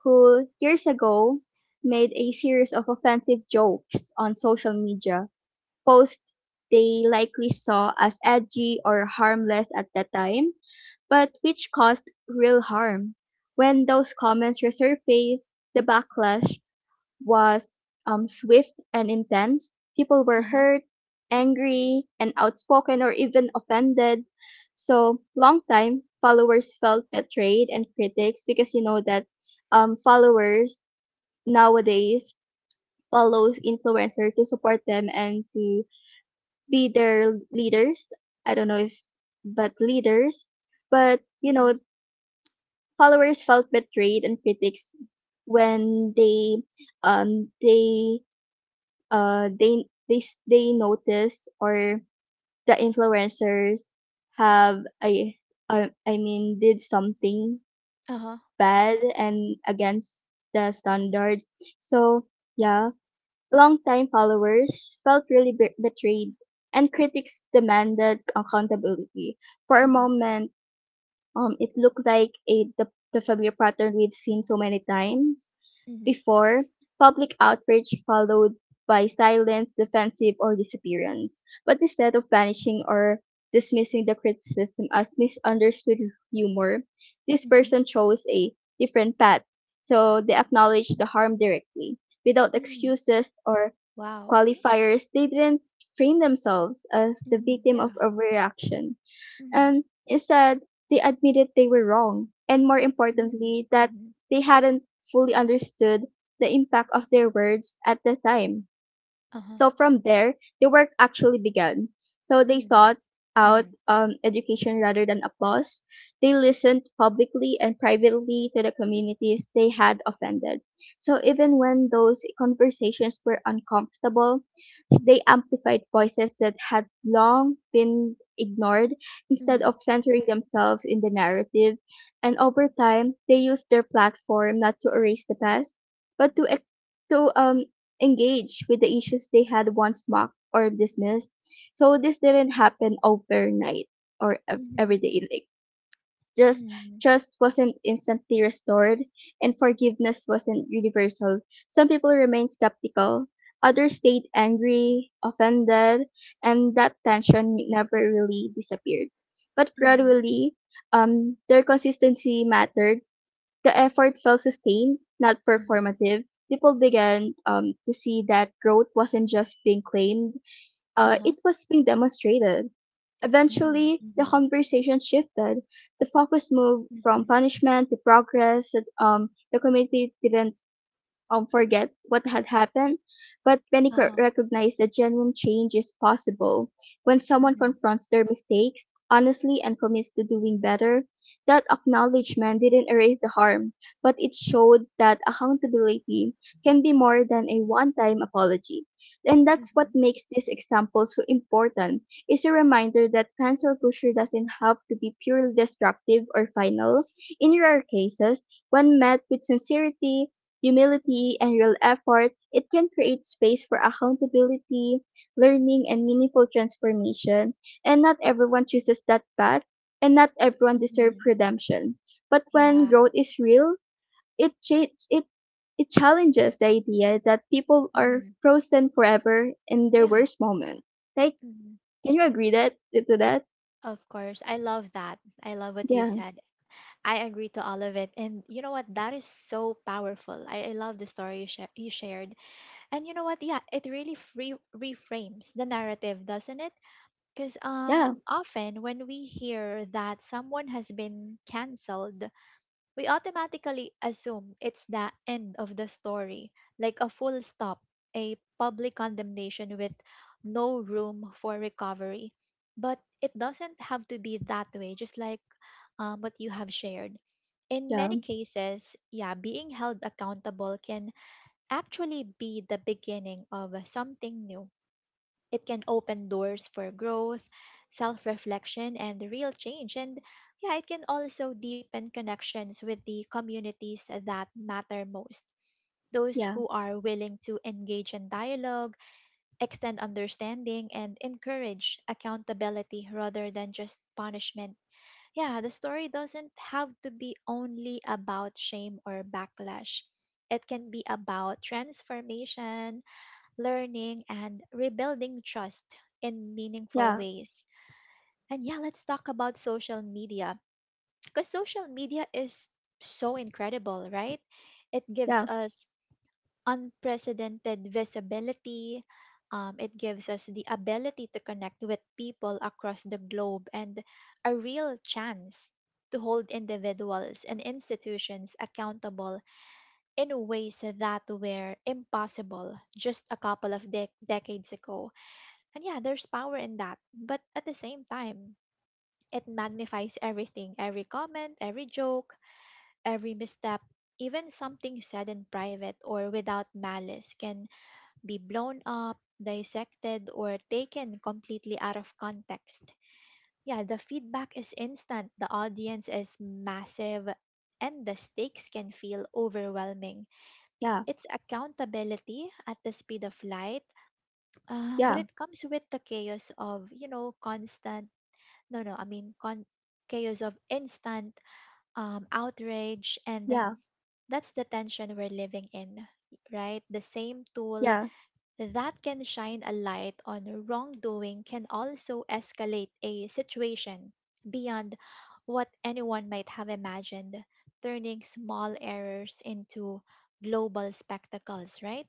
Speaker 2: who years ago made a series of offensive jokes on social media, posts they likely saw as edgy or harmless at the time, but which caused real harm. When those comments resurfaced, the backlash was swift and intense. People were
Speaker 1: Uh huh.
Speaker 2: hurt, angry, and outspoken or even offended. So, long time followers felt betrayed and critics, because you know that followers nowadays follows influencer to support them and to be their leaders. I don't know if, but leaders. But you
Speaker 1: Mm-hmm.
Speaker 2: know, followers felt betrayed and critics when um they they notice or the influencers have a I mean did something
Speaker 1: Uh huh.
Speaker 2: bad and against the standards. So yeah, long time followers felt really betrayed, and critics demanded accountability. For a
Speaker 1: Mm-hmm.
Speaker 2: moment, it looked like the familiar pattern we've seen so many times
Speaker 1: Mm-hmm.
Speaker 2: before. Public outrage followed by silence, defensive, or disappearance. But instead of vanishing or dismissing the criticism as misunderstood humor, this
Speaker 1: Mm-hmm.
Speaker 2: person chose a different path. So they acknowledged the harm directly, without
Speaker 1: Mm-hmm.
Speaker 2: excuses or
Speaker 1: Wow.
Speaker 2: qualifiers. They didn't frame themselves as the
Speaker 1: Mhm,
Speaker 2: victim of
Speaker 1: yeah.
Speaker 2: overreaction.
Speaker 1: Mhm.
Speaker 2: Instead, they admitted they were wrong, and more
Speaker 1: Mm.
Speaker 2: importantly, that
Speaker 1: Mhm.
Speaker 2: they hadn't fully understood the impact of their words at the time.
Speaker 1: Uh-huh.
Speaker 2: So from there, the work actually began. So they
Speaker 1: Mm.
Speaker 2: sought out
Speaker 1: Mhm.
Speaker 2: education rather than applause. They listened publicly and privately to the communities they had offended. So even when those conversations were uncomfortable, they amplified voices that had long been ignored instead
Speaker 1: Mhm.
Speaker 2: of centering themselves in the narrative. And over time, they used their platform not to erase the past, but to engage with the issues they had once mocked or dismissed. So this didn't happen overnight or every
Speaker 1: Mhm.
Speaker 2: day. Like, just
Speaker 1: Mhm.
Speaker 2: trust wasn't instantly restored, and forgiveness wasn't universal. Some people remained skeptical. Others stayed angry, offended, and that tension never really disappeared. But
Speaker 1: Mhm.
Speaker 2: gradually, their consistency mattered. The effort felt sustained, not
Speaker 1: Mhm.
Speaker 2: performative. People began to see that growth wasn't just being claimed,
Speaker 1: Uh-huh.
Speaker 2: it was being demonstrated.
Speaker 1: Mm.
Speaker 2: Eventually, the
Speaker 1: Mhm.
Speaker 2: conversation shifted. The focus moved from
Speaker 1: Mhm.
Speaker 2: punishment to progress. The community didn't forget what had happened, but many
Speaker 1: Uh-huh.
Speaker 2: recognize that genuine change is possible. When someone
Speaker 1: Mhm.
Speaker 2: confronts their mistakes honestly and commits to doing better, that acknowledgement didn't erase the harm, but it showed that accountability can be more than a one time apology. And that's what
Speaker 1: Mhm.
Speaker 2: makes this example so important. It's a reminder that cancel culture doesn't have to be purely destructive or final. In rare cases, when met with sincerity, humility, and real effort, it can create space for accountability, learning, and meaningful transformation. And not everyone chooses that path, and not everyone deserves
Speaker 1: Mhm.
Speaker 2: redemption. But when
Speaker 1: Yeah.
Speaker 2: growth is real, it cha- it it challenges the idea that people are
Speaker 1: Mhm.
Speaker 2: frozen forever in their
Speaker 1: Yeah.
Speaker 2: worst moment. Like,
Speaker 1: Mhm.
Speaker 2: can you agree that to that?
Speaker 1: Of course. I love that. I love what you
Speaker 2: Yeah,
Speaker 1: said. I agree to all of it. And you know what? That is so powerful. I love the story you, you shared. And you know what? Yeah, it really free reframes the narrative, doesn't it? Because
Speaker 2: yeah,
Speaker 1: often when we hear that someone has been cancelled, we automatically assume it's the end of the story, like a full stop, a public condemnation with no room for recovery. But it doesn't have to be that way, just like what you have shared. In
Speaker 2: yeah,
Speaker 1: many cases, yeah, being held accountable can actually be the beginning of something new. It can open doors for growth, self reflection, and real change. And yeah, it can also deepen connections with the communities that matter most. Those
Speaker 2: yeah,
Speaker 1: who are willing to engage in dialogue, extend understanding, and encourage accountability rather than just punishment. Yeah, the story doesn't have to be only about shame or backlash. It can be about transformation, learning, and rebuilding trust in meaningful
Speaker 2: yeah,
Speaker 1: ways. And yeah, let's talk about social media, because social media is so incredible, right? It gives
Speaker 2: yeah,
Speaker 1: us unprecedented visibility. It gives us the ability to connect with people across the globe and a real chance to hold individuals and institutions accountable in ways that were impossible just a couple of decades ago. And yeah, there's power in that. But at the same time, it magnifies everything, every comment, every joke, every misstep. Even something said in private or without malice can be blown up, dissected, or taken completely out of context. Yeah, the feedback is instant, the audience is massive, and the stakes can feel overwhelming.
Speaker 2: yeah,
Speaker 1: It's accountability at the speed of light, but
Speaker 2: yeah,
Speaker 1: it comes with the chaos of, you know, constant No, no, I mean con- chaos of instant outrage, and
Speaker 2: yeah,
Speaker 1: that's the tension we're living in, right? The same tool
Speaker 2: yeah.
Speaker 1: that can shine a light on wrongdoing can also escalate a situation beyond what anyone might have imagined, turning small errors into global spectacles, right?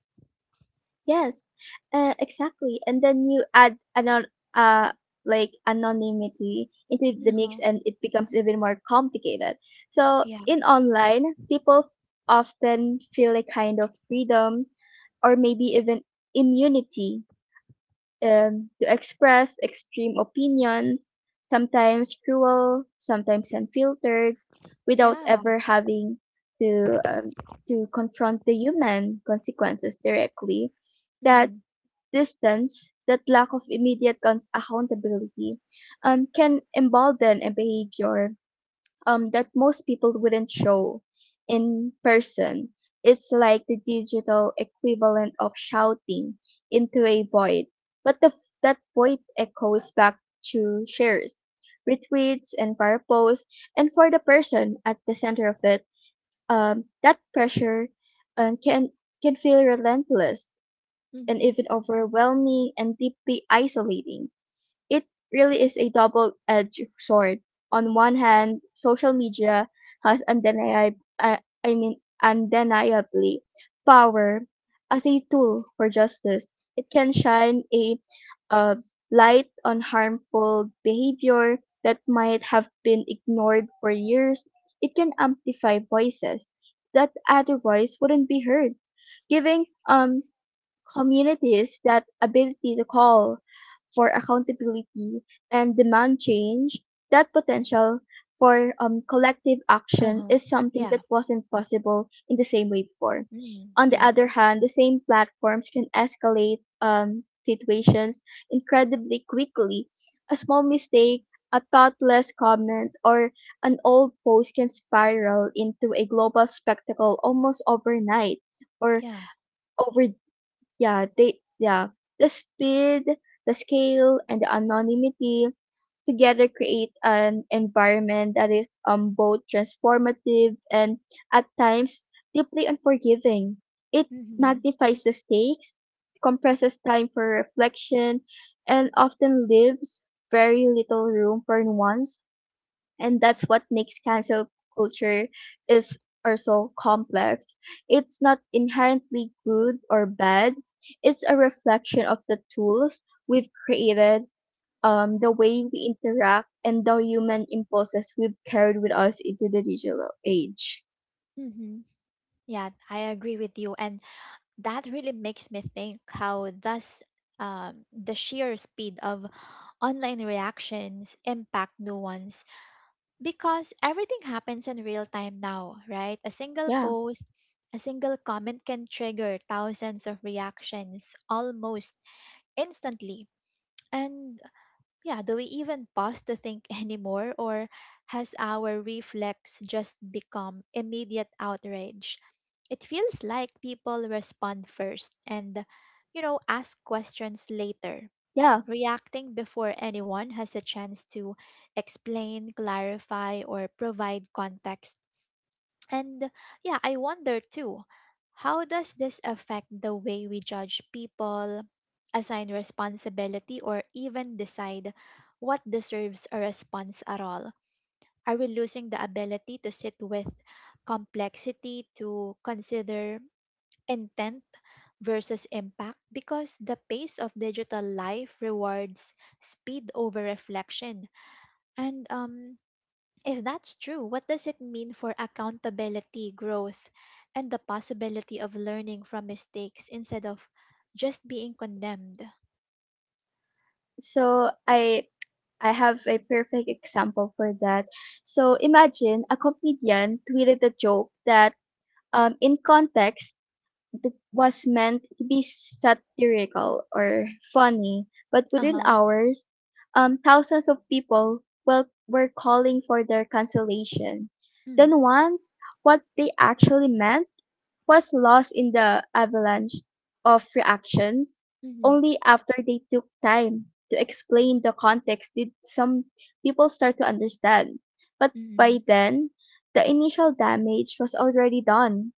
Speaker 2: Yes, exactly. And then you add anon uh like anonymity into the mix,
Speaker 1: No,
Speaker 2: and it becomes even more complicated. So
Speaker 1: yeah,
Speaker 2: in online, people often feel a kind of freedom, or maybe even immunity, to express extreme opinions, sometimes cruel, sometimes unfiltered, without
Speaker 1: yeah,
Speaker 2: ever having to um, to confront the human consequences directly. That
Speaker 1: mm-hmm,
Speaker 2: distance, that lack of immediate accountability can embolden a behavior that most people wouldn't show in person. It's like the digital equivalent of shouting into a void, but that void echoes back to shares, retweets, and fire posts. And for the person at the center of it, that pressure um, can can feel relentless and
Speaker 1: mm-hmm,
Speaker 2: even overwhelming and deeply isolating. It really is a double edged sword. On one hand, social media has I mean, undeniably power as a tool for justice. It can shine a uh, light on harmful behavior that might have been ignored for years. It can amplify voices that otherwise wouldn't be heard, giving communities that ability to call for accountability and demand change, that potential for collective action
Speaker 1: uh-huh,
Speaker 2: is something
Speaker 1: yeah,
Speaker 2: that wasn't possible in the same way before.
Speaker 1: mm,
Speaker 2: On the other
Speaker 1: yes,
Speaker 2: hand, the same platforms can escalate situations incredibly quickly. A small mistake, a thoughtless comment, or an old post can spiral into a global spectacle almost overnight, or
Speaker 1: yeah,
Speaker 2: over, yeah, they, yeah. The speed, the scale, and the anonymity together create an environment that is both transformative and at times deeply unforgiving. It
Speaker 1: mm-hmm.
Speaker 2: magnifies the stakes, compresses time for reflection, and often leaves very little room for nuance, and that's what makes cancel culture is also complex. It's not inherently good or bad. It's a reflection of the tools we've created, the way we interact, and the human impulses we've carried with us into the digital age.
Speaker 1: Hmm. Yeah, I agree with you. And that really makes me think how thus the sheer speed of online reactions impact nuance, because everything happens in real time now, right? A single
Speaker 2: Yeah,
Speaker 1: post, a single comment can trigger thousands of reactions almost instantly. And yeah, do we even pause to think anymore, or has our reflex just become immediate outrage? It feels like people respond first and, you know, ask questions later,
Speaker 2: yeah.
Speaker 1: reacting before anyone has a chance to explain, clarify, or provide context. And yeah, I wonder too, how does this affect the way we judge people, assign responsibility, or even decide what deserves a response at all? Are we losing the ability to sit with complexity, to consider intent versus impact? Because the pace of digital life rewards speed over reflection. And if that's true, what does it mean for accountability, growth, and the possibility of learning from mistakes instead of just being condemned?
Speaker 2: So I have a perfect example for that. So imagine a comedian tweeted a joke that in context was meant to be satirical or funny, but
Speaker 1: Uh
Speaker 2: within
Speaker 1: huh.
Speaker 2: hours, thousands of people, well, were calling for their cancellation.
Speaker 1: Mm,
Speaker 2: Then once what they actually meant was lost in the avalanche of reactions.
Speaker 1: mm-hmm,
Speaker 2: Only after they took time to explain the context did some people start to understand. But
Speaker 1: mm-hmm.
Speaker 2: by then, the initial damage was already done.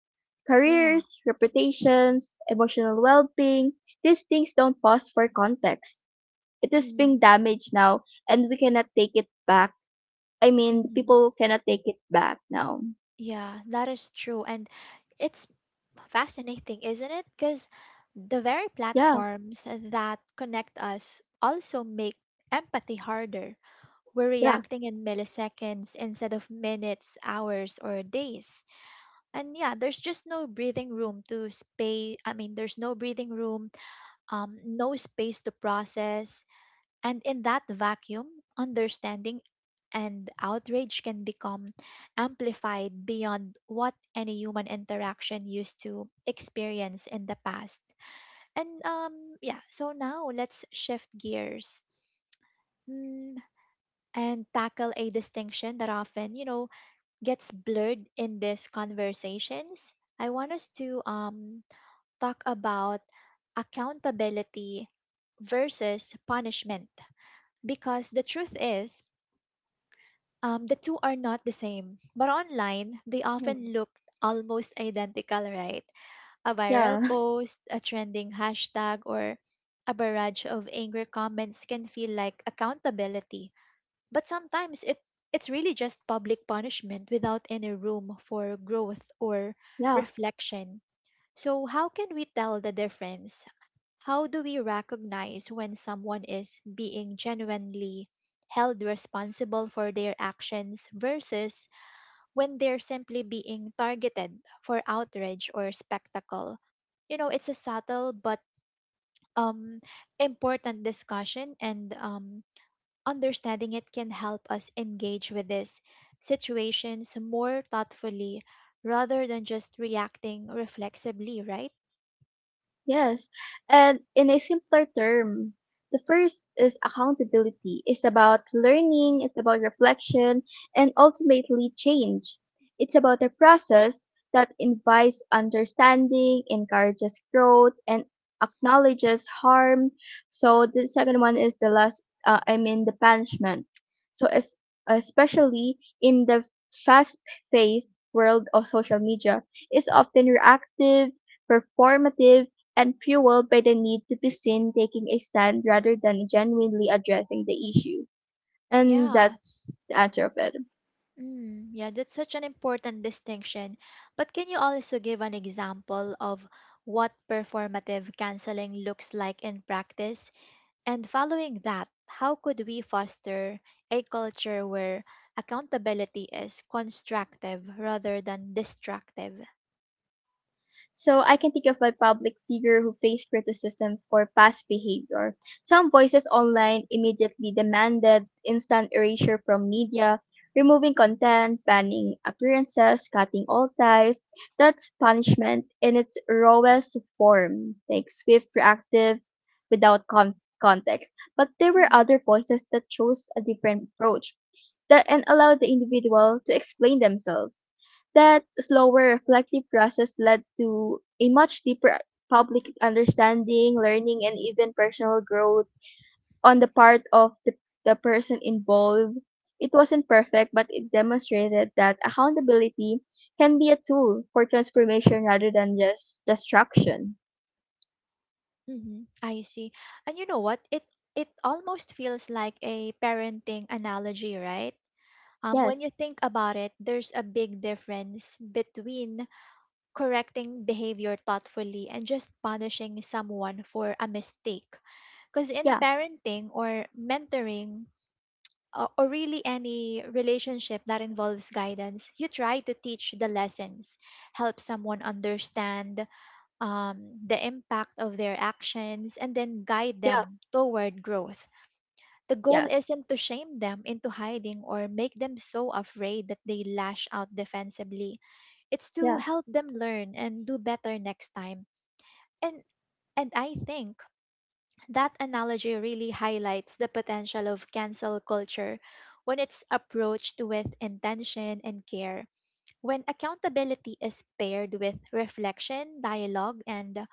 Speaker 1: Yeah.
Speaker 2: Careers, reputations, emotional well being, these things don't pause for context. It is
Speaker 1: Mm-hmm,
Speaker 2: being damaged now, and we cannot take it back. I mean,
Speaker 1: mm-hmm.
Speaker 2: people cannot take it back now.
Speaker 1: Yeah, that is true. And it's fascinating, isn't it? Because the very
Speaker 2: Yeah,
Speaker 1: platforms that connect us also make empathy harder. We're
Speaker 2: yeah,
Speaker 1: reacting in milliseconds instead of minutes, hours, or days, and yeah, there's just no breathing room to space I mean there's no breathing room, no space to process, and in that vacuum understanding and outrage can become amplified beyond what any human interaction used to experience in the past. And yeah, so now let's shift gears, mm, and tackle a distinction that often you know gets blurred in these conversations. I want us to talk about accountability versus punishment, because the truth is the two are not the same. But online, they
Speaker 2: Mm.
Speaker 1: often look almost identical, right? A viral
Speaker 2: yeah,
Speaker 1: post, a trending hashtag, or a barrage of angry comments can feel like accountability. But sometimes it's really just public punishment without any room for growth or
Speaker 2: yeah.
Speaker 1: reflection. So, how can we tell the difference? How do we recognize when someone is being genuinely held responsible for their actions versus when they're simply being targeted for outrage or spectacle? You know, it's a subtle but um, important discussion, and understanding it can help us engage with these situations more thoughtfully rather than just reacting reflexively, right?
Speaker 2: Yes, and in a simpler term, the first is accountability. It's about learning, it's about reflection, and ultimately change. It's about a process that invites understanding, encourages growth, and acknowledges harm. So the second one is the last, I mean, the punishment. So es- Especially in the fast-paced world of social media, it's often reactive, performative and fueled by the need to be seen taking a stand rather than genuinely addressing the issue. And
Speaker 1: Yeah.
Speaker 2: that's the answer of it.
Speaker 1: Mm, yeah, that's such an important distinction. But can you also give an example of what performative canceling looks like in practice? And following that, how could we foster a culture where accountability is constructive rather than destructive?
Speaker 2: So I can think of a public figure who faced criticism for past behavior. Some voices online immediately demanded instant erasure from media, removing content, banning appearances, cutting all ties. That's punishment in its rawest form, like swift, reactive, without context. But there were other voices that chose a different approach that and allowed the individual to explain themselves. That slower reflective process led to a much deeper public understanding, learning, and even personal growth on the part of the person involved. It wasn't perfect, but it demonstrated that accountability can be a tool for transformation rather than just destruction.
Speaker 1: Mm-hmm. I see. And you know what? It almost feels like a parenting analogy, right? When you
Speaker 2: Yes.
Speaker 1: think about it, there's a big difference between correcting behavior thoughtfully and just punishing someone for a mistake. Because in
Speaker 2: Yeah.
Speaker 1: parenting or mentoring, or really any relationship that involves guidance, you try to teach the lessons, help someone understand the impact of their actions, and then guide
Speaker 2: Yeah.
Speaker 1: them toward growth. The goal
Speaker 2: Yeah.
Speaker 1: isn't to shame them into hiding or make them so afraid that they lash out defensively. It's to
Speaker 2: Yeah.
Speaker 1: help them learn and do better next time. And and I think that analogy really highlights the potential of cancel culture when it's approached with intention and care. When accountability is paired with reflection, dialogue, and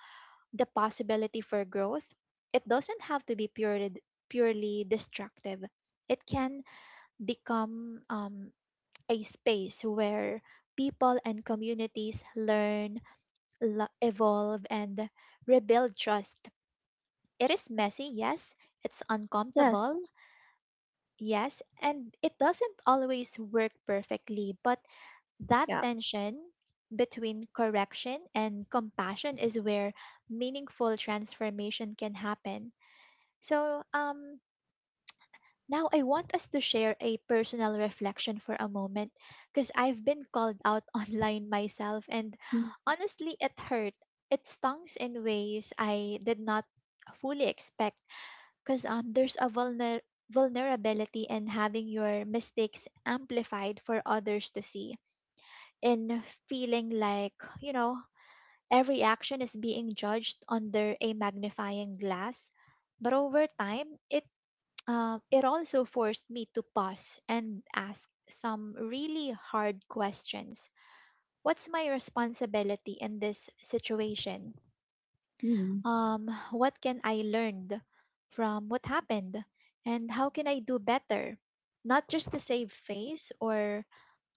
Speaker 1: the possibility for growth, it doesn't have to be purely destructive. It can become a space where people and communities learn, evolve, and rebuild trust. It is messy, yes. It's
Speaker 2: Yes.
Speaker 1: uncomfortable, yes. And it doesn't always work perfectly, but that
Speaker 2: Yeah.
Speaker 1: tension between correction and compassion is where meaningful transformation can happen. So, um, Now, I want us to share a personal reflection for a moment because I've been called out online myself, and
Speaker 2: Mm.
Speaker 1: honestly, it hurt. It stings in ways I did not fully expect because there's a vulnerability in having your mistakes amplified for others to see, in feeling like, you know, every action is being judged under a magnifying glass. But over time, it also forced me to pause and ask some really hard questions. What's my responsibility in this situation?
Speaker 2: Mm.
Speaker 1: What can I learn from what happened? And how can I do better? Not just to save face or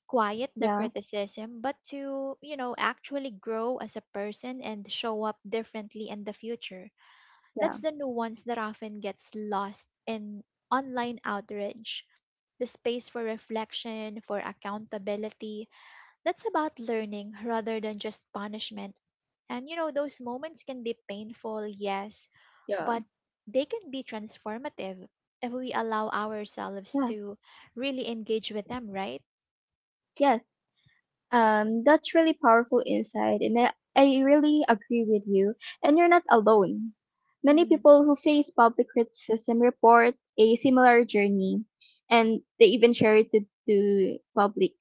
Speaker 1: quiet the
Speaker 2: Yeah.
Speaker 1: criticism, but to, you know, actually grow as a person and show up differently in the future.
Speaker 2: Yeah.
Speaker 1: That's the nuance that often gets lost in online outrage, the space for reflection, for accountability. That's about learning rather than just punishment. And you know, those moments can be painful, yes,
Speaker 2: Yeah.
Speaker 1: but they can be transformative if we allow ourselves
Speaker 2: Yeah.
Speaker 1: to really engage with them, right?
Speaker 2: Yes. That's really powerful insight, and I really agree with you. And you're not alone. Many
Speaker 1: Mm-hmm.
Speaker 2: people who face public criticism report a similar journey, and they even share to public.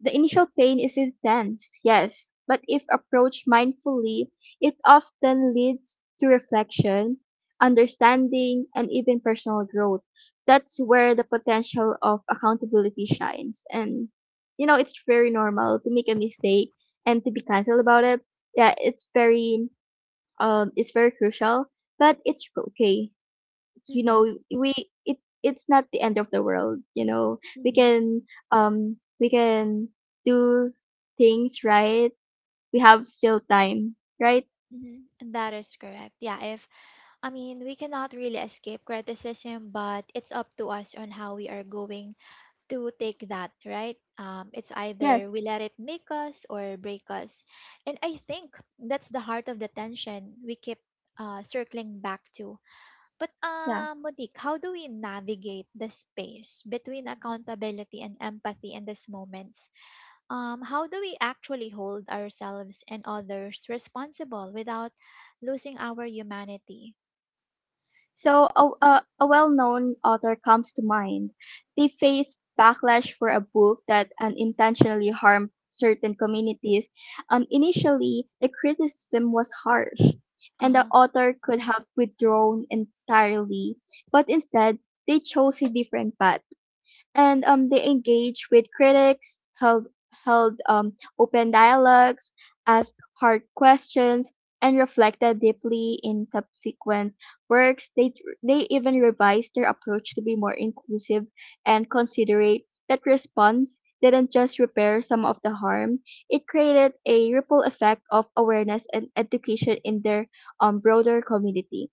Speaker 2: The initial pain is intense, yes, but if approached mindfully, it often leads to reflection, understanding, and even personal growth. That's where the potential of accountability shines. And, you know, it's very normal to make a mistake and to be canceled about it. Yeah, it's very crucial, but it's okay you
Speaker 1: Mm-hmm.
Speaker 2: know we it's not the end of the world you know we
Speaker 1: Mm-hmm.
Speaker 2: can we can do things right. We have still time, right?
Speaker 1: Mm-hmm. That is correct. Yeah, if I mean, we cannot really escape criticism, but it's up to us on how we are going to take that, right? It's either
Speaker 2: Yes.
Speaker 1: we let it make us or break us. And I think that's the heart of the tension we keep circling back to. But,
Speaker 2: Yeah.
Speaker 1: Monique, how do we navigate the space between accountability and empathy in these moments? How do we actually hold ourselves and others responsible without losing our humanity?
Speaker 2: So a, a well-known author comes to mind. They face backlash for a book that unintentionally harmed certain communities. Initially, the criticism was harsh, and the
Speaker 1: Uh,
Speaker 2: author could have withdrawn entirely, but instead they chose a different path and they engage with critics, held open dialogues, asked hard questions, and reflected deeply in subsequent works. They even revised their approach to be more inclusive and considerate. That response didn't just repair some of the harm; it created a ripple effect of awareness and education in their broader community,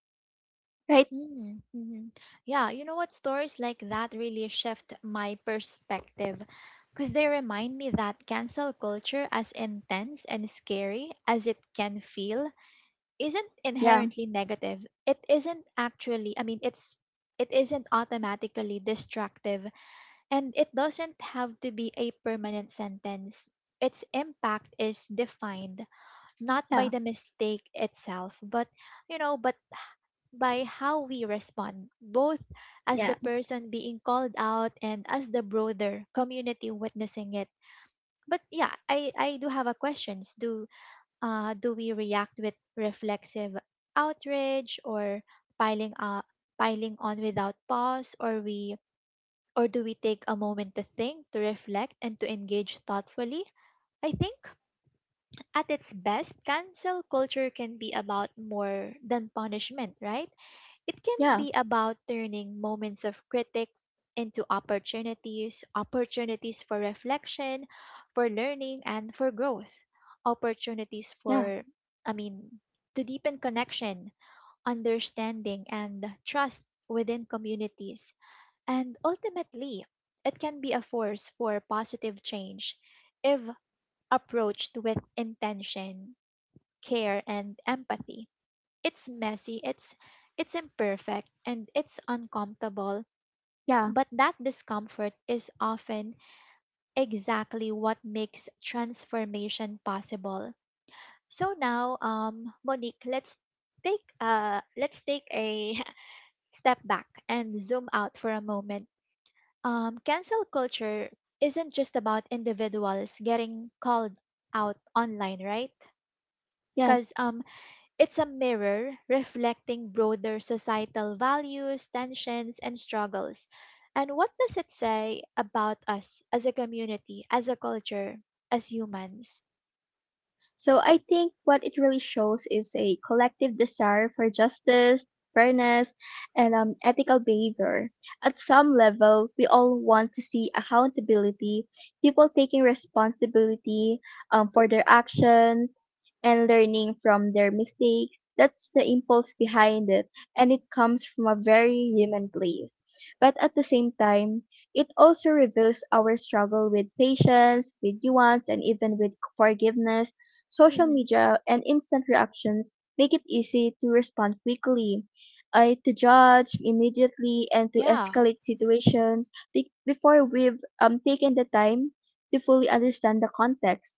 Speaker 2: right?
Speaker 1: mm, mhm. Yeah, you know what? Stories like that really shift my perspective because they remind me that cancel culture, as intense and scary as it can feel, isn't
Speaker 2: Yeah.
Speaker 1: inherently negative. It isn't actually, I mean, it isn't automatically destructive and it doesn't have to be a permanent sentence. Its impact is defined not by
Speaker 2: Yeah.
Speaker 1: the mistake itself, but you know, but by how we respond, both as the
Speaker 2: Yeah.
Speaker 1: person being called out and as the broader community witnessing it. But yeah, I do have a questions. Do we react with reflexive outrage or piling up piling on without pause or we or do we take a moment to think, to reflect and to engage thoughtfully? I think at its best, cancel culture can be about more than punishment, right? It can
Speaker 2: Yeah.
Speaker 1: be about turning moments of critique into opportunities for reflection, for learning, and for growth, opportunities
Speaker 2: Yeah.
Speaker 1: for, I mean, to deepen connection, understanding, and trust within communities. And ultimately, it can be a force for positive change if approached with intention, care, and empathy. It's messy, it's imperfect and it's uncomfortable,
Speaker 2: Yeah.
Speaker 1: but that discomfort is often exactly what makes transformation possible. So now, Monique, let's take a step back and zoom out for a moment. Cancel culture isn't just about individuals getting called out online, right? Because
Speaker 2: Yes.
Speaker 1: It's a mirror reflecting broader societal values, tensions, and struggles. And what does it say about us as a community, as a culture, as humans?
Speaker 2: So I think what it really shows is a collective desire for justice, fairness, and ethical behavior. At some level, we all want to see accountability, people taking responsibility for their actions and learning from their mistakes. That's the impulse behind it, and it comes from a very human place. But at the same time, it also reveals our struggle with patience, with nuance, and even with forgiveness. Social
Speaker 1: Hmm.
Speaker 2: media and instant reactions make it easy to respond quickly, to judge immediately, and to
Speaker 1: Yeah.
Speaker 2: escalate
Speaker 1: Hmm.
Speaker 2: situations before we've taken the time to fully understand the context.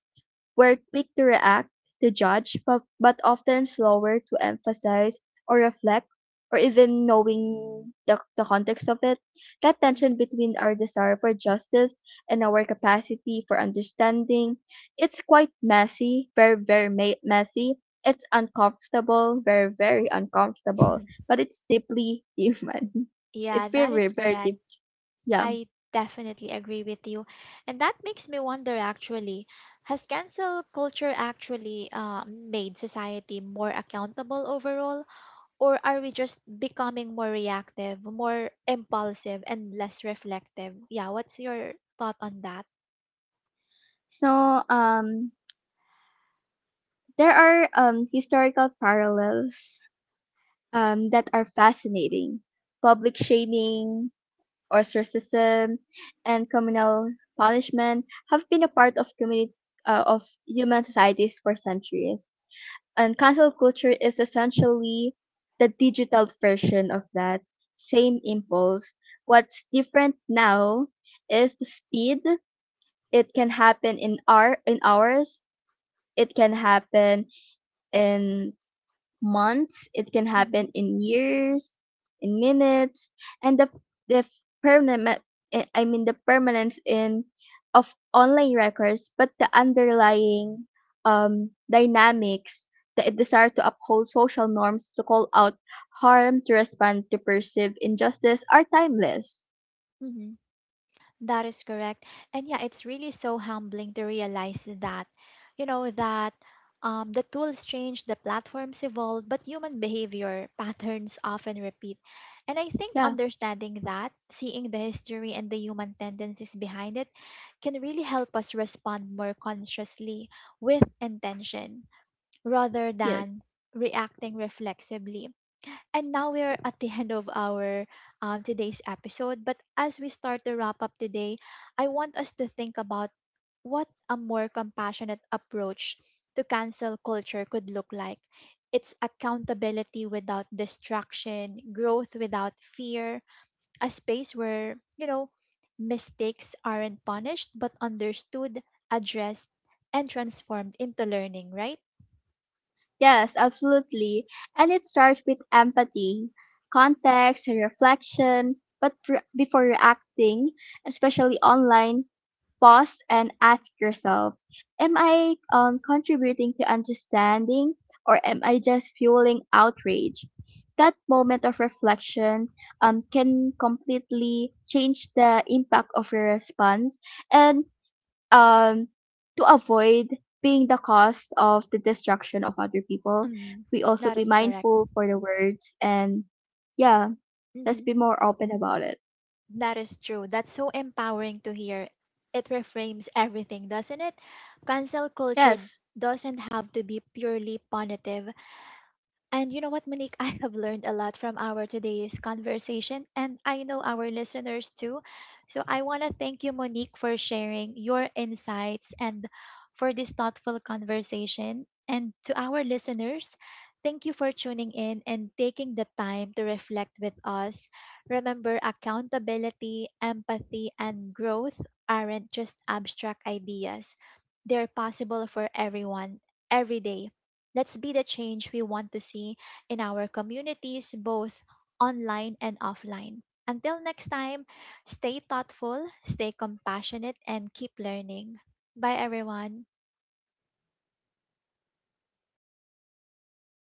Speaker 2: We're quick to react, to judge, but often slower to emphasize or reflect or even knowing the context of it. That
Speaker 1: Hmm.
Speaker 2: tension between our desire for justice and our capacity for understanding, it's quite messy, very, messy. It's uncomfortable, very, very uncomfortable, but it's deeply human.
Speaker 1: Yeah,
Speaker 2: It's very,
Speaker 1: that
Speaker 2: very,
Speaker 1: is
Speaker 2: very
Speaker 1: correct.
Speaker 2: deep. Yeah.
Speaker 1: I definitely agree with you. And that makes me wonder actually, has cancel culture actually made society more accountable overall? Or are we just becoming more reactive, more impulsive, and less reflective? Yeah, what's your thought on that?
Speaker 2: So um there are historical parallels, that are fascinating. Public shaming, ostracism, and communal punishment have been a part of community of human societies for centuries. And cancel culture is essentially the digital version of that same impulse. What's different now is the speed. It can happen in our in hours. It can happen in months, it can
Speaker 1: Mm-hmm.
Speaker 2: happen in years, in minutes, and the permanent I mean the permanence in of online records, but the underlying dynamics, the desire to uphold social norms, to call out harm, to respond to perceived injustice are timeless.
Speaker 1: Mm-hmm. That is correct. And yeah, it's really so humbling to realize that, you know, that the tools change, the platforms evolve, but human behavior patterns often repeat. And I think
Speaker 2: Yeah,
Speaker 1: understanding that, seeing the history and the human tendencies behind it, can really help us respond more consciously with intention rather
Speaker 2: yes.
Speaker 1: than reacting reflexively. And now we are at the end of our today's episode. But as we start to wrap up today, I want us to think about what a more compassionate approach to cancel culture could look like. It's accountability without distraction, growth without fear, a space where, you know, mistakes aren't punished but understood, addressed, and transformed into learning, right?
Speaker 2: Yes, absolutely. And it starts with empathy, context, and reflection. Before reacting, especially online, pause and ask yourself, am I contributing to understanding, or am I just fueling outrage? That moment of reflection can completely change the impact of your response. And um, to avoid being the cause of the destruction of other people,
Speaker 1: Mm,
Speaker 2: we also
Speaker 1: that
Speaker 2: be
Speaker 1: is correct.
Speaker 2: mindful for the words. And yeah, let's
Speaker 1: Hmm.
Speaker 2: be more open about it.
Speaker 1: That is true. That's so empowering to hear. It reframes everything, doesn't it? Cancel culture
Speaker 2: Yes.
Speaker 1: doesn't have to be purely punitive. And you know what, Monique? I have learned a lot from our today's conversation, and I know our listeners too. So I want to thank you, Monique, for sharing your insights and for this thoughtful conversation. And to our listeners, thank you for tuning in and taking the time to reflect with us. Remember, accountability, empathy, and growth aren't just abstract ideas, they're possible for everyone, every day. Let's be the change we want to see in our communities, both online and offline. Until next time, stay thoughtful, stay compassionate, and keep learning. Bye, everyone.